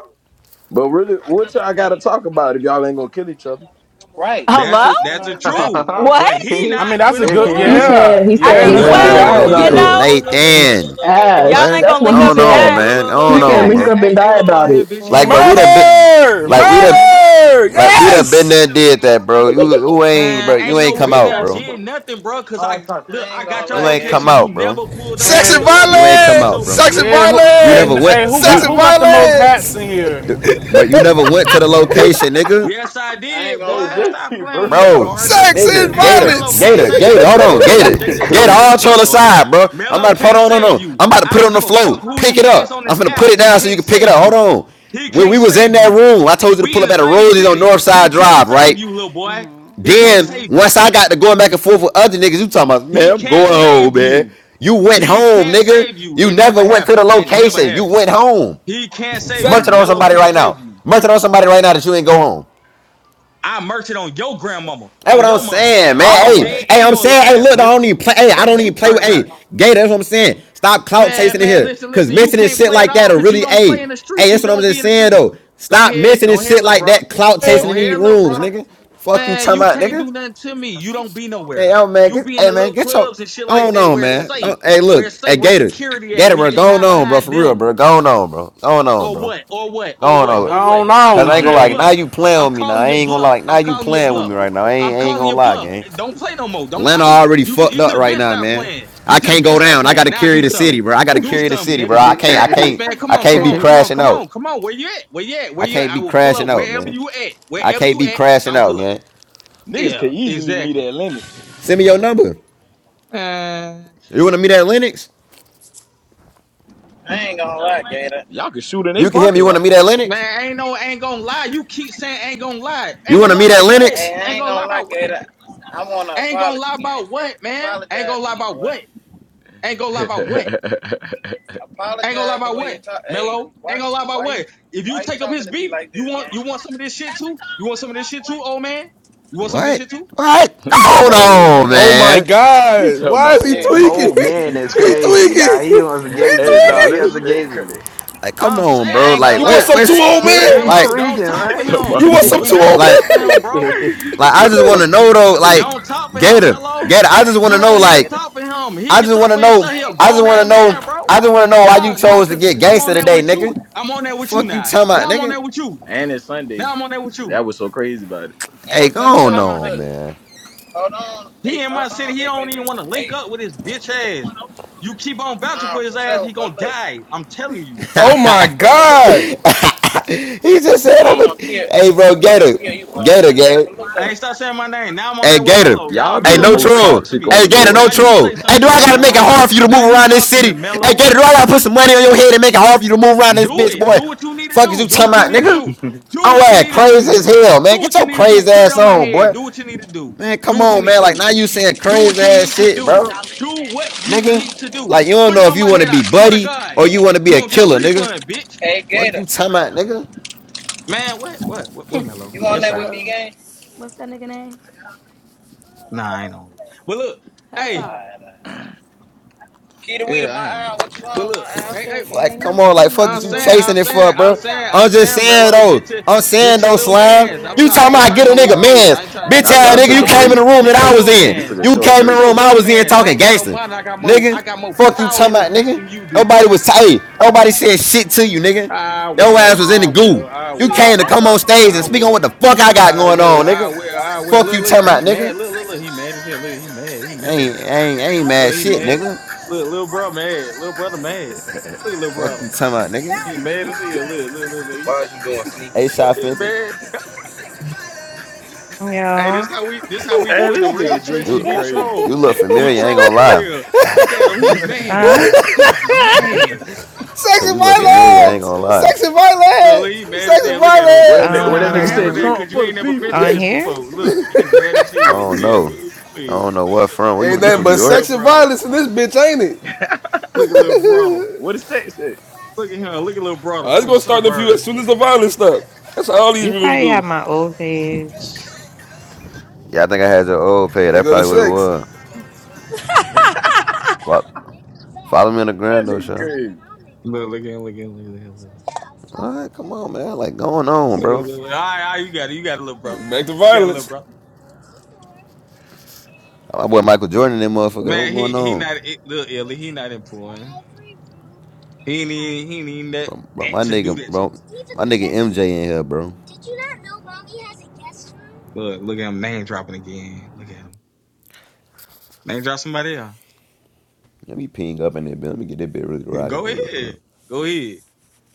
S18: But really, what y'all got to talk about if y'all ain't gonna kill each other?
S20: Right. I don't
S21: That's
S14: Hello?
S21: it.
S20: understand
S21: That's
S20: all
S21: the
S20: this bapping
S21: truth.
S20: game.
S21: But
S14: What?
S21: he
S12: I
S21: not
S12: mean, that's a
S21: finna
S12: good,
S21: pull
S6: he
S21: up.
S12: yeah,
S6: said he
S14: I
S6: said
S21: Hey,
S22: Hey,
S12: yeah.
S14: mean,
S22: you
S6: link
S12: That's
S22: heard
S12: where
S6: up
S21: look.
S22: me,
S3: Ah,
S12: we
S6: and
S3: nigga,
S14: well,
S22: Cardi?
S12: at
S6: die
S21: Hey,
S3: don't
S12: with
S3: be
S21: look.
S14: you
S6: about
S21: Look,
S12: it.
S3: on
S6: it.
S21: look,
S14: know,
S21: look, look, look, look, look,
S3: Nathan.
S21: look,
S14: if
S21: look,
S6: Ash.
S14: y'all ain't
S3: What?
S6: That's
S14: gonna
S6: what
S14: link
S6: he
S14: up
S3: Going
S14: and
S3: on,
S6: said.
S14: die,
S21: look, look,
S3: man.
S21: look, look,
S6: He
S3: Going
S14: I
S21: look.
S6: said
S3: on,
S21: Hey,
S6: link
S3: bro.
S21: hey,
S14: guess.
S6: up
S21: hey,
S6: and
S21: hey,
S6: die
S21: little bald
S6: about it.
S21: head bitch. You
S3: Like,
S21: ain't
S3: but
S21: gotta
S3: we
S23: Eh,
S21: say
S3: done been,
S21: nothing.
S10: Murder!
S21: You
S3: like
S21: don't
S3: we
S21: say
S3: done,
S21: nothing.
S10: Murder!
S3: like we done been
S10: Yes!
S3: there and did that, bro. You, you ain't,
S21: Man,
S3: bro. You
S21: ain't
S3: ain't
S21: no
S3: come
S21: been
S3: out,
S21: there,
S3: bro.
S21: did nothing, bro. Cause I
S20: I
S21: look,
S20: ain't
S21: I
S3: Like,
S20: gonna
S21: got your
S3: You
S20: lie,
S3: ain't
S20: Gator.
S3: come
S21: location.
S3: out,
S21: You
S3: bro.
S21: never pulled up
S10: Sex
S21: to
S10: and
S21: the
S12: And
S3: You
S21: location
S3: ain't
S21: that
S3: come
S21: you
S3: out,
S21: told
S10: violence!
S21: me
S3: bro.
S21: you was
S10: Sex
S21: at.
S10: and
S12: yeah, who,
S3: You
S12: hey,
S3: never
S10: violence!
S3: went.
S12: hey, who
S10: Sex
S3: You
S12: got
S10: and
S12: who got the most hats
S10: violence!
S12: in here?
S3: But you never went to the location, nigga.
S21: Yes, I
S20: I ain't
S21: did,
S18: Hey,
S20: gonna
S21: boy.
S20: lie.
S21: Stop
S18: JT
S21: playing with
S18: burned
S21: me,
S18: out.
S3: Bro,
S21: Cardi.
S10: Sex and
S3: nigga,
S21: Hey,
S3: Gator,
S21: Mello
S20: I
S10: violence!
S21: can't
S3: Gator,
S20: ain't.
S21: say. Hey,
S3: Gator,
S21: look,
S3: hold
S21: look,
S18: Hey,
S3: on,
S21: look,
S18: that
S21: look.
S3: Gator.
S21: Check
S18: nigga
S21: this
S3: Gator,
S21: out.
S18: crazy.
S21: Check
S3: all
S21: this out,
S3: troll
S21: Cardi.
S3: aside, bro. I'm
S21: Mello
S3: about to put
S21: can't
S3: on, on,
S21: save
S3: on.
S21: you.
S3: I'm about to
S21: I
S3: put it
S21: don't
S3: on the
S21: give a fuck
S3: floor.
S21: who
S3: Pick it
S21: he is
S3: up.
S21: on
S3: I'm
S21: this
S3: finna put
S21: app.
S3: it
S21: He
S3: down so you
S21: can't
S3: can pick it
S21: save
S3: up. Hold
S21: you.
S3: on.
S21: He
S3: When we
S21: can't
S3: was in
S21: save
S3: that
S21: you.
S3: room, I told you to
S21: We
S3: pull
S21: in
S3: up
S21: the
S3: at a
S21: same
S3: Rosie's on
S21: city. He
S3: Northside Drive,
S21: can't save
S3: right?
S21: you, little boy.
S14: Mhm.
S21: He can't
S3: Then
S14: Mhm.
S21: save you.
S3: once I got to going back and forth with other niggas, you talking about, man,
S21: He
S3: I'm
S21: can't
S3: going home,
S21: save
S3: man.
S21: you.
S3: You went
S21: He
S3: home,
S21: can't
S3: nigga.
S21: save you.
S3: You
S21: It
S3: never
S21: never
S3: went to the
S21: happened. That never
S3: location. You
S21: happened.
S3: went home.
S21: He can't save
S10: Sex
S21: you.
S3: Munch it on
S21: Mello
S3: somebody
S21: can't
S3: right now.
S21: save you.
S3: Munch it on somebody right now that you ain't go home.
S21: I merged it on your grandmama,
S3: That's
S21: on
S3: what I'm
S21: your mama,
S3: saying,
S21: on
S3: man.
S21: your
S3: Hey,
S14: Oh.
S18: What?
S21: dead
S3: hey,
S21: and
S3: I'm
S21: your
S3: saying, hey,
S21: lives,
S3: look, I
S21: nigga.
S3: don't even play. Hey, I
S21: Fuck
S3: don't
S21: is
S3: even
S21: you
S3: play
S21: talking
S3: with.
S21: about?
S3: Hey, Gator, that's what I'm saying. Stop clout
S21: Man,
S3: chasing in
S21: man,
S3: here,
S21: listen,
S3: cause
S21: listen. You
S3: mentioning
S21: can't
S3: shit
S21: play at
S3: like
S21: all
S3: that are
S21: because you
S3: really.
S21: don't play in
S3: Hey,
S21: the
S3: hey,
S21: streets. You
S3: that's what I'm
S21: don't be
S3: just
S21: in the
S3: saying
S21: streets.
S3: though.
S21: Go
S3: Stop
S21: ahead,
S3: mentioning
S21: go ahead,
S3: shit
S21: little
S3: like
S21: brother.
S3: that. Clout
S10: and-
S3: chasing
S21: Go
S3: in these
S21: ahead, little
S3: rooms,
S21: brother.
S3: nigga. Fuck you,
S21: Man,
S3: talking
S21: you
S3: about,
S21: can't
S3: nigga.
S21: do nothing to me. You don't be
S3: Hey,
S21: nowhere.
S3: yo, man.
S21: You
S3: Get,
S21: be in
S3: hey,
S21: the
S3: man,
S21: little
S3: get your.
S21: clubs and shit like
S3: Going
S21: that
S3: on,
S21: where it's
S3: man.
S21: safe,
S3: Don't- hey,
S21: where
S3: look,
S21: it's safe,
S3: hey,
S21: where
S3: Gator,
S21: security at,
S3: Gator,
S21: where you
S3: bro.
S21: can
S3: Going
S21: hide
S3: on, bro.
S21: behind
S3: For real,
S21: them.
S3: bro. Going on, bro. Going on,
S21: Or
S3: bro.
S21: what? Or what? Or
S3: Going
S21: what?
S3: on.
S21: Or what?
S12: Gone
S21: I'm
S3: Cause
S12: on,
S3: I ain't
S21: calling
S3: gonna
S21: your
S3: like
S12: Jay.
S3: now
S21: bluff.
S3: you playing
S21: I'm
S3: with me now.
S21: calling
S3: I
S21: your
S3: ain't gonna
S21: bluff.
S3: like now
S21: I'm
S3: you
S21: calling your
S3: playing with
S21: bluff.
S3: me right now. I ain't,
S21: I'm
S3: I ain't
S21: calling
S3: gonna
S21: your
S3: lie,
S21: bluff.
S3: gang.
S21: Don't play no more. Don't
S3: Atlanta
S21: play.
S3: already
S21: You
S3: fucked
S21: you
S3: up
S21: should have
S3: right
S21: been
S3: now,
S21: stopped
S3: man.
S21: playing. You
S3: I
S21: should have
S3: can't
S21: been
S3: go
S21: stopped
S3: down. I got
S21: playing.
S3: to
S21: Now
S3: carry
S21: do
S3: the city,
S21: something.
S3: bro. I got to
S21: Do
S3: carry the
S21: something,
S3: city, bro.
S21: nigga.
S3: I can't. I can't.
S21: Man, come
S3: I
S21: on, come
S3: can't be
S21: on, come on,
S3: crashing
S21: come
S3: out.
S21: on, come on. Where you at? Where you at? Where
S3: I
S21: you at?
S3: can't
S21: I
S3: be
S21: will pull
S3: crashing
S21: up
S3: out,
S21: wherever
S3: man.
S21: you at.
S3: I
S21: Wherever
S3: can't
S21: you
S3: be
S21: at,
S3: crashing
S21: I'll
S3: out,
S21: pull up.
S3: man.
S18: Niggas
S21: Yeah,
S18: could easily meet
S21: exactly.
S18: at Lennox.
S3: Send me your number.
S21: Man,
S3: You want to meet at Lennox?
S20: I ain't gonna lie, Gator.
S18: Y'all could shoot in they
S3: You can hear me. You
S18: parking
S3: want
S18: lot.
S3: to meet at Lennox?
S21: man, ain't no, ain't gonna lie. You keep saying ain't gonna lie.
S3: You
S21: Ain't
S3: want
S21: gonna
S3: to
S21: lie
S3: meet at
S21: about what?
S3: Lennox?
S20: Hey, I
S21: Ain't
S20: ain't
S21: gonna
S20: gonna
S21: lie
S20: lie,
S21: about what?
S20: Gator. I want an
S21: I ain't gonna
S20: apology,
S21: lie
S20: gang.
S21: about what, man. I ain't
S20: Apologize
S21: gonna
S20: to
S21: lie
S20: me,
S21: about
S20: boy.
S21: what. I ain't gonna lie
S18: he
S21: about what.
S18: talking
S21: I ain't gonna lie
S20: Apologize the
S21: about
S20: way you
S21: what.
S20: talk. Hey,
S21: Mello, I
S20: why?
S21: ain't gonna lie about
S20: Why you?
S21: what. If you
S20: Why you
S21: take up
S20: talking
S21: his
S20: to me
S21: beef,
S20: like
S21: you
S20: this,
S21: want
S20: gang?
S21: you want some of this shit too. You want some of this shit too, old man. You want some of this
S3: What?
S21: shit too.
S3: What?
S18: about
S3: Hold
S18: old
S3: on,
S18: man.
S10: Oh my
S3: man.
S18: He
S10: god!
S18: talking about
S10: Why is he
S18: old
S20: Gator,
S18: man.
S10: tweaking?
S9: Oh
S20: bro.
S9: man, that's
S10: He, he
S9: crazy. Nah,
S10: tweaking!
S9: he wants some
S10: He
S9: gangster
S18: hey,
S9: shit.
S18: nah,
S9: He
S18: that
S10: tweaking!
S9: wants some
S18: shit
S9: gangster
S18: crazy.
S9: shit.
S3: Like, come
S21: I'm
S3: on,
S20: Hey, I
S3: bro.
S20: ain't
S21: saying,
S3: Like,
S20: gonna
S10: You want
S21: Mello,
S20: lie.
S3: what?
S10: some
S21: like
S10: too
S20: I
S3: What's
S20: ain't
S10: old
S20: gonna
S10: man?
S20: lie.
S9: yeah, he
S21: Mello,
S3: like,
S21: don't
S9: tweaking,
S21: talk
S18: He
S21: for
S9: right?
S18: talking about
S10: You
S21: him.
S18: he
S10: want some
S21: Do
S10: too
S18: wants
S21: not
S10: old
S18: to.
S3: like,
S21: talk for
S10: man?
S21: him, bro.
S3: like? I just want
S18: Fuck.
S3: to
S18: it.
S3: know though.
S21: Don't
S3: Like,
S21: talk for him,
S3: Gator,
S21: Mello.
S3: Gator. I
S20: I
S3: just
S20: ain't
S3: want
S21: You
S3: to
S20: gonna
S3: know,
S21: don't
S20: lie,
S21: need to
S3: like.
S20: Gator.
S21: talk for him. He
S3: I
S21: can
S3: just want
S21: talk
S3: to
S21: for
S3: know.
S21: himself.
S20: I
S21: He a
S20: ain't
S3: I just
S20: gonna
S21: grown
S3: want
S20: lie,
S21: ass
S3: to
S20: Gator.
S3: know.
S21: man, bro.
S3: I just want to know why
S21: Now,
S3: you
S21: now,
S3: chose to
S21: cause,
S3: get
S21: cause I'm on
S3: gangster
S21: that
S3: today,
S21: with you.
S3: nigga.
S21: I'm on that with you
S3: Fuck you,
S21: now.
S3: talking about,
S21: Now I'm on
S3: nigga.
S21: that with you.
S18: And it's Sunday.
S21: Now I'm on that with you.
S18: That was so crazy about it.
S20: Hey,
S3: Hey,
S21: Fuck
S3: go
S21: is
S20: look
S21: you
S3: on,
S21: talking
S20: though,
S21: about,
S3: on
S21: nigga?
S20: look.
S3: man.
S20: Hold on,
S21: He
S20: Nick.
S21: in my
S20: Hold
S21: city.
S20: on,
S21: He
S20: Nick.
S21: don't
S20: Wait,
S21: even
S20: wait,
S21: want
S20: wait.
S21: to link
S20: Hey,
S21: up with his bitch
S20: we,
S21: ass. You keep on vouching
S20: nah,
S21: for his
S20: for
S21: ass,
S20: sure.
S21: he
S20: But
S21: gonna
S20: look,
S21: die. I'm telling you.
S10: Oh my
S20: uh, but look, but look.
S10: god!
S20: But,
S3: he just said,
S20: yeah,
S3: I'm
S20: he
S3: a,
S20: gonna kill.
S3: "Hey, bro,
S20: He gonna
S3: Gator,
S20: kill you.
S3: Gator,
S20: But, hey, but
S3: Gator.
S20: look
S21: I
S20: though.
S21: ain't stop saying my name. Now I'm on
S3: Hey,
S21: there with
S3: Gator.
S21: Mello. Now
S18: Y'all be
S3: Hey,
S18: the
S21: Mello
S3: no
S21: want to
S18: most
S21: say
S3: troll.
S21: something to
S18: toxic
S21: me.
S18: on
S3: Hey,
S18: the
S3: Gator, no
S18: Lord's
S21: Now
S18: day.
S21: you
S3: troll.
S21: say
S3: Hey,
S21: something
S3: do
S21: to
S3: I
S18: That
S21: me,
S3: gotta
S18: shit
S3: make it
S21: Mello.
S18: crazy.
S3: hard for you to
S21: Now
S3: move
S21: you
S3: around this
S21: talk to me,
S3: city? Hey,
S21: Mello.
S3: Gator, do I gotta put some money on your head and make it hard for you to move around this
S21: Do
S3: bitch,
S21: it.
S3: boy?
S21: Do what you need to
S3: Fuck is you
S21: do. Do
S3: talking
S21: what you
S3: about,
S21: need to
S3: nigga?
S21: do. Do
S3: I'm
S21: what you
S3: like
S21: need to do,
S3: crazy as
S21: nigga.
S3: hell, man.
S21: Do
S3: Get
S21: what you
S3: your
S21: need to do.
S3: crazy
S21: Put it
S3: ass
S21: on my
S3: on,
S21: head.
S3: boy.
S21: Do what you need to do.
S3: Man,
S21: Do
S3: come
S21: what you
S3: on,
S21: need to
S3: man. Like
S21: do.
S3: now you saying
S21: Do what
S3: crazy
S21: you
S3: ass
S21: need to
S3: shit,
S21: do.
S3: bro.
S21: Do what you
S3: Nigga.
S21: need to do.
S3: Like you don't
S21: Put it
S3: know if
S21: on
S3: you
S21: my
S3: wanna
S21: head.
S3: be
S21: I swear to
S3: buddy
S21: God,
S3: or you wanna be
S21: you
S3: a
S21: gonna get a
S3: killer, nigga.
S21: refund, bitch.
S20: Hey,
S3: Fuck
S20: Gator,
S3: you talking about, nigga.
S21: Man, what, what, what, where Melo?
S20: you on
S21: Yes,
S20: that
S21: sir.
S20: with me,
S5: Ew.
S20: gang?
S5: What's that nigga name?
S21: Nah, I ain't on. it. But look, hey,
S5: Hellstar.
S20: Alright, alright. Keita, we
S21: yeah,
S20: my
S21: I ain't on.
S20: eye.
S21: it.
S20: What you
S21: But
S20: on, my
S21: look,
S20: eye?
S5: What's
S21: hey, hey,
S5: good,
S3: Like,
S5: gang?
S3: come
S5: You
S3: on,
S5: ain't
S3: like, fuck
S21: I'm
S5: nothing
S3: is you
S5: new.
S21: saying, I'm
S3: chasing it for,
S21: saying, I'm
S3: bro?
S21: saying, I'm
S3: I'm just
S21: saying,
S3: saying
S21: Melo,
S3: though.
S21: get your,
S3: I'm saying
S21: get your
S3: though,
S21: little
S5: Nothing
S3: slime.
S5: new,
S21: mans. I'm,
S3: You
S21: ta-
S5: man.
S21: I
S3: talking
S5: Nothing
S21: ain't
S3: about
S5: new
S3: get
S21: talking
S3: a
S5: in
S21: no
S5: this
S21: little
S3: nigga
S5: bitch.
S21: kids.
S3: man's
S21: I ain't talking.
S3: bitch
S21: Get
S18: Not
S21: your
S3: ass
S18: y'all
S21: little
S3: nigga?
S18: took
S3: You
S18: a
S21: mans.
S3: came in
S18: break.
S3: the room that
S21: Get your
S3: I was
S21: little
S18: Them
S3: in.
S18: niggas took
S21: mans.
S18: a
S3: You
S18: short
S3: came in the
S21: Get
S18: break.
S21: your
S3: room I
S21: little
S3: was in
S21: mans. I
S3: talking
S21: ain't got no
S3: gangster,
S21: money. I got more. I
S3: nigga.
S21: got more
S3: Fuck you
S21: power
S3: talking
S21: in this
S3: about,
S21: bitch
S3: nigga.
S21: than you do,
S3: Nobody was
S21: pussy.
S3: tight. Nobody said shit to you, nigga.
S21: I
S3: Your ass
S21: will,
S3: was in the
S21: I will,
S3: goo.
S21: I
S3: You
S21: will,
S3: came to
S21: I
S3: come on
S21: will,
S3: stage
S21: I
S3: and speak on what
S21: will,
S3: the fuck I got
S21: I will,
S3: going on,
S21: I
S3: nigga.
S21: will, I will.
S3: Fuck
S21: Look,
S3: you
S21: look,
S3: talking
S21: look,
S3: about,
S21: he
S3: nigga.
S21: mad. Look, look, look, he mad as hell. Look, he mad, he
S3: I
S21: mad.
S3: ain't, I ain't, I ain't mad
S21: Look, he
S3: shit,
S21: mad.
S3: nigga.
S21: Look, little bro mad. Little brother mad.
S18: hey,
S21: Look at little
S3: Fuck
S21: brother.
S3: you talking about, nigga.
S21: He mad as hell. Look, look, look, look, he
S13: Why
S21: mad.
S13: is you doing sneaky
S3: A
S13: stuff?
S3: shot
S21: He
S3: Fenty.
S21: mad. Hey, this
S23: Yo,
S21: how we, this how we do in the
S18: this nigga
S21: real trenches.
S3: You
S18: JT
S21: We
S18: crazy.
S3: you
S21: troll.
S3: look
S21: We
S3: familiar, I ain't
S21: troll
S3: gonna
S21: for
S3: lie.
S21: real. Look at him. He mad.
S23: huh?
S21: He's mad.
S10: Sex
S3: Say
S10: and
S3: you look
S21: Yeah, we
S3: familiar, I
S21: do
S3: ain't
S21: for
S10: violence!
S3: gonna
S21: real.
S3: lie.
S10: Sex and
S21: So look,
S10: violence!
S21: he mad as
S10: Sex and
S21: hell. Look at him.
S18: what that
S21: You
S18: ni-
S10: violence!
S21: don't
S18: what
S21: know how
S18: that
S21: to
S18: nigga
S21: handle
S18: said?
S23: Um,
S21: that
S18: Trump
S21: because you
S18: for the
S21: ain't never been
S18: people.
S21: through
S23: on
S21: this
S23: here,
S21: before. Look, he mad as
S3: I
S21: hell. Look
S3: don't
S21: at him.
S3: know.
S21: Ooh,
S3: I
S21: wee.
S3: don't know
S21: Look, look,
S3: what
S21: look,
S3: from. Where you
S21: look
S10: Ain't
S3: from? You
S10: nothing
S3: from New
S10: but
S3: York?
S10: sex
S21: at
S10: and
S21: brother.
S10: violence in this bitch, ain't it?
S21: Look at little brother. Look at little brother.
S18: What the sex said?
S21: Look at him. Look at little brother
S10: Uh, it's
S21: from the
S10: gonna start in a few as
S21: suburb.
S10: soon as the violence stops. That's how all these
S23: you
S10: rumors
S23: probably
S10: go.
S23: have my old page.
S3: Yeah, I think I had your old page.
S10: They
S3: That's
S10: go to
S3: probably what it
S10: sex.
S3: was. Fo- Follow me on the
S18: That
S3: ground though,
S18: nigga
S3: Sean.
S18: crazy.
S21: Look, look at him. Look at him. Look at him.
S3: All right, come on, man. Like going on,
S21: Look,
S3: bro.
S21: look, look, look. All right, all right, you got it. You got a little brother.
S10: Back to
S21: You got a little
S10: violence.
S21: brother.
S3: My boy Michael Jordan, that motherfucker.
S21: Man,
S3: What's
S21: he
S3: going
S21: he
S3: on,
S21: not it, little Illy. He not important. He ain't even, he ain't even that
S3: bro? Bro,
S21: that
S3: my
S21: to do
S3: nigga,
S21: that to.
S3: bro, my nigga MJ in here, bro.
S21: Look, look at him name dropping again. Look at him name drop somebody else.
S3: Let me ping up in there, bit. Let me get that bit really rocking,
S21: Go
S3: for real, for
S21: ahead.
S3: real.
S21: Go ahead.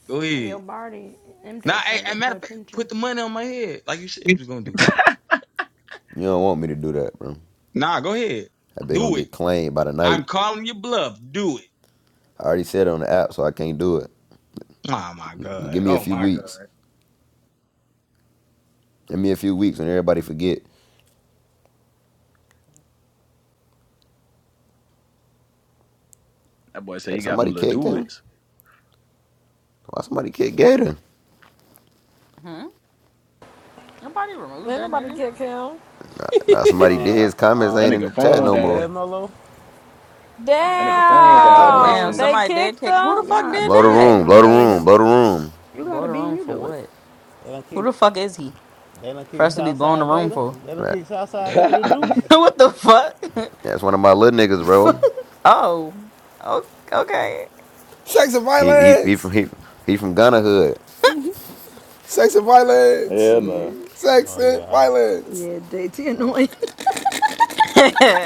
S21: Go
S5: Hey, yo,
S21: ahead.
S5: Barty.
S21: Now,
S5: MJ's
S21: hey,
S5: trying to
S21: as a
S5: get
S21: matter
S5: your
S21: of fact, put
S5: attention.
S21: the money on my head like you said you was going to do.
S3: You don't want me to do that, bro.
S21: Nah, go ahead.
S3: That bit gonna
S21: Do it.
S3: get claimed by the night.
S21: I'm calling your bluff. Do it.
S3: I already said it on the app, so I can't do it.
S21: Oh, my
S3: Give
S21: God.
S3: me a
S21: Oh,
S3: few
S21: my God.
S3: weeks. Give me a few weeks and everybody forget.
S18: That boy said
S3: Like,
S18: he got them
S3: somebody
S18: little
S3: kicked him?
S18: duets.
S3: Why somebody kicked Gator?
S14: Mhm. Nobody removed
S1: Ain't
S14: that
S1: nobody
S14: nigga.
S1: kick him.
S3: Now somebody did. His comments
S18: That
S3: ain't in the
S18: nigga
S3: chat
S18: phone
S15: Uh,
S3: no more.
S15: yeah,
S18: died.
S15: Mello.
S18: That
S5: Nah,
S18: nigga
S5: who
S18: phone
S5: got
S18: died.
S14: Oh
S18: All
S5: Gator
S18: that
S14: damn,
S1: Damn,
S18: shit.
S5: gone?
S1: they
S14: somebody did
S1: kicked
S14: kick. Who
S1: him.
S14: the fuck
S5: Y'all
S14: did
S3: Blow the
S14: that?
S5: tweaking
S3: room,
S5: on
S3: blow the room,
S5: Gator.
S3: blow the room.
S5: You
S14: Blow
S5: gotta
S14: the
S5: be and
S14: room
S5: you
S14: for
S5: do it.
S14: what?
S15: It don't
S14: Who
S15: keep.
S14: the fuck is he?
S15: They done
S14: For
S15: kick
S14: us to be blowing the
S15: Southside
S14: room
S15: Gator.
S14: for?
S15: They done
S3: Right.
S15: kick Southside Gator Deuce.
S14: what the fuck?
S3: That's one of my little niggas, bro.
S14: oh, o- okay.
S10: Sex and
S3: He he he
S10: violence!
S3: from he, he from Ghana hood.
S10: Sex and violence!
S18: yeah, man.
S5: Yeah,
S10: Sex
S15: Oh
S10: and
S15: yeah.
S10: violence!
S5: yeah, JT
S15: uh,
S5: annoying.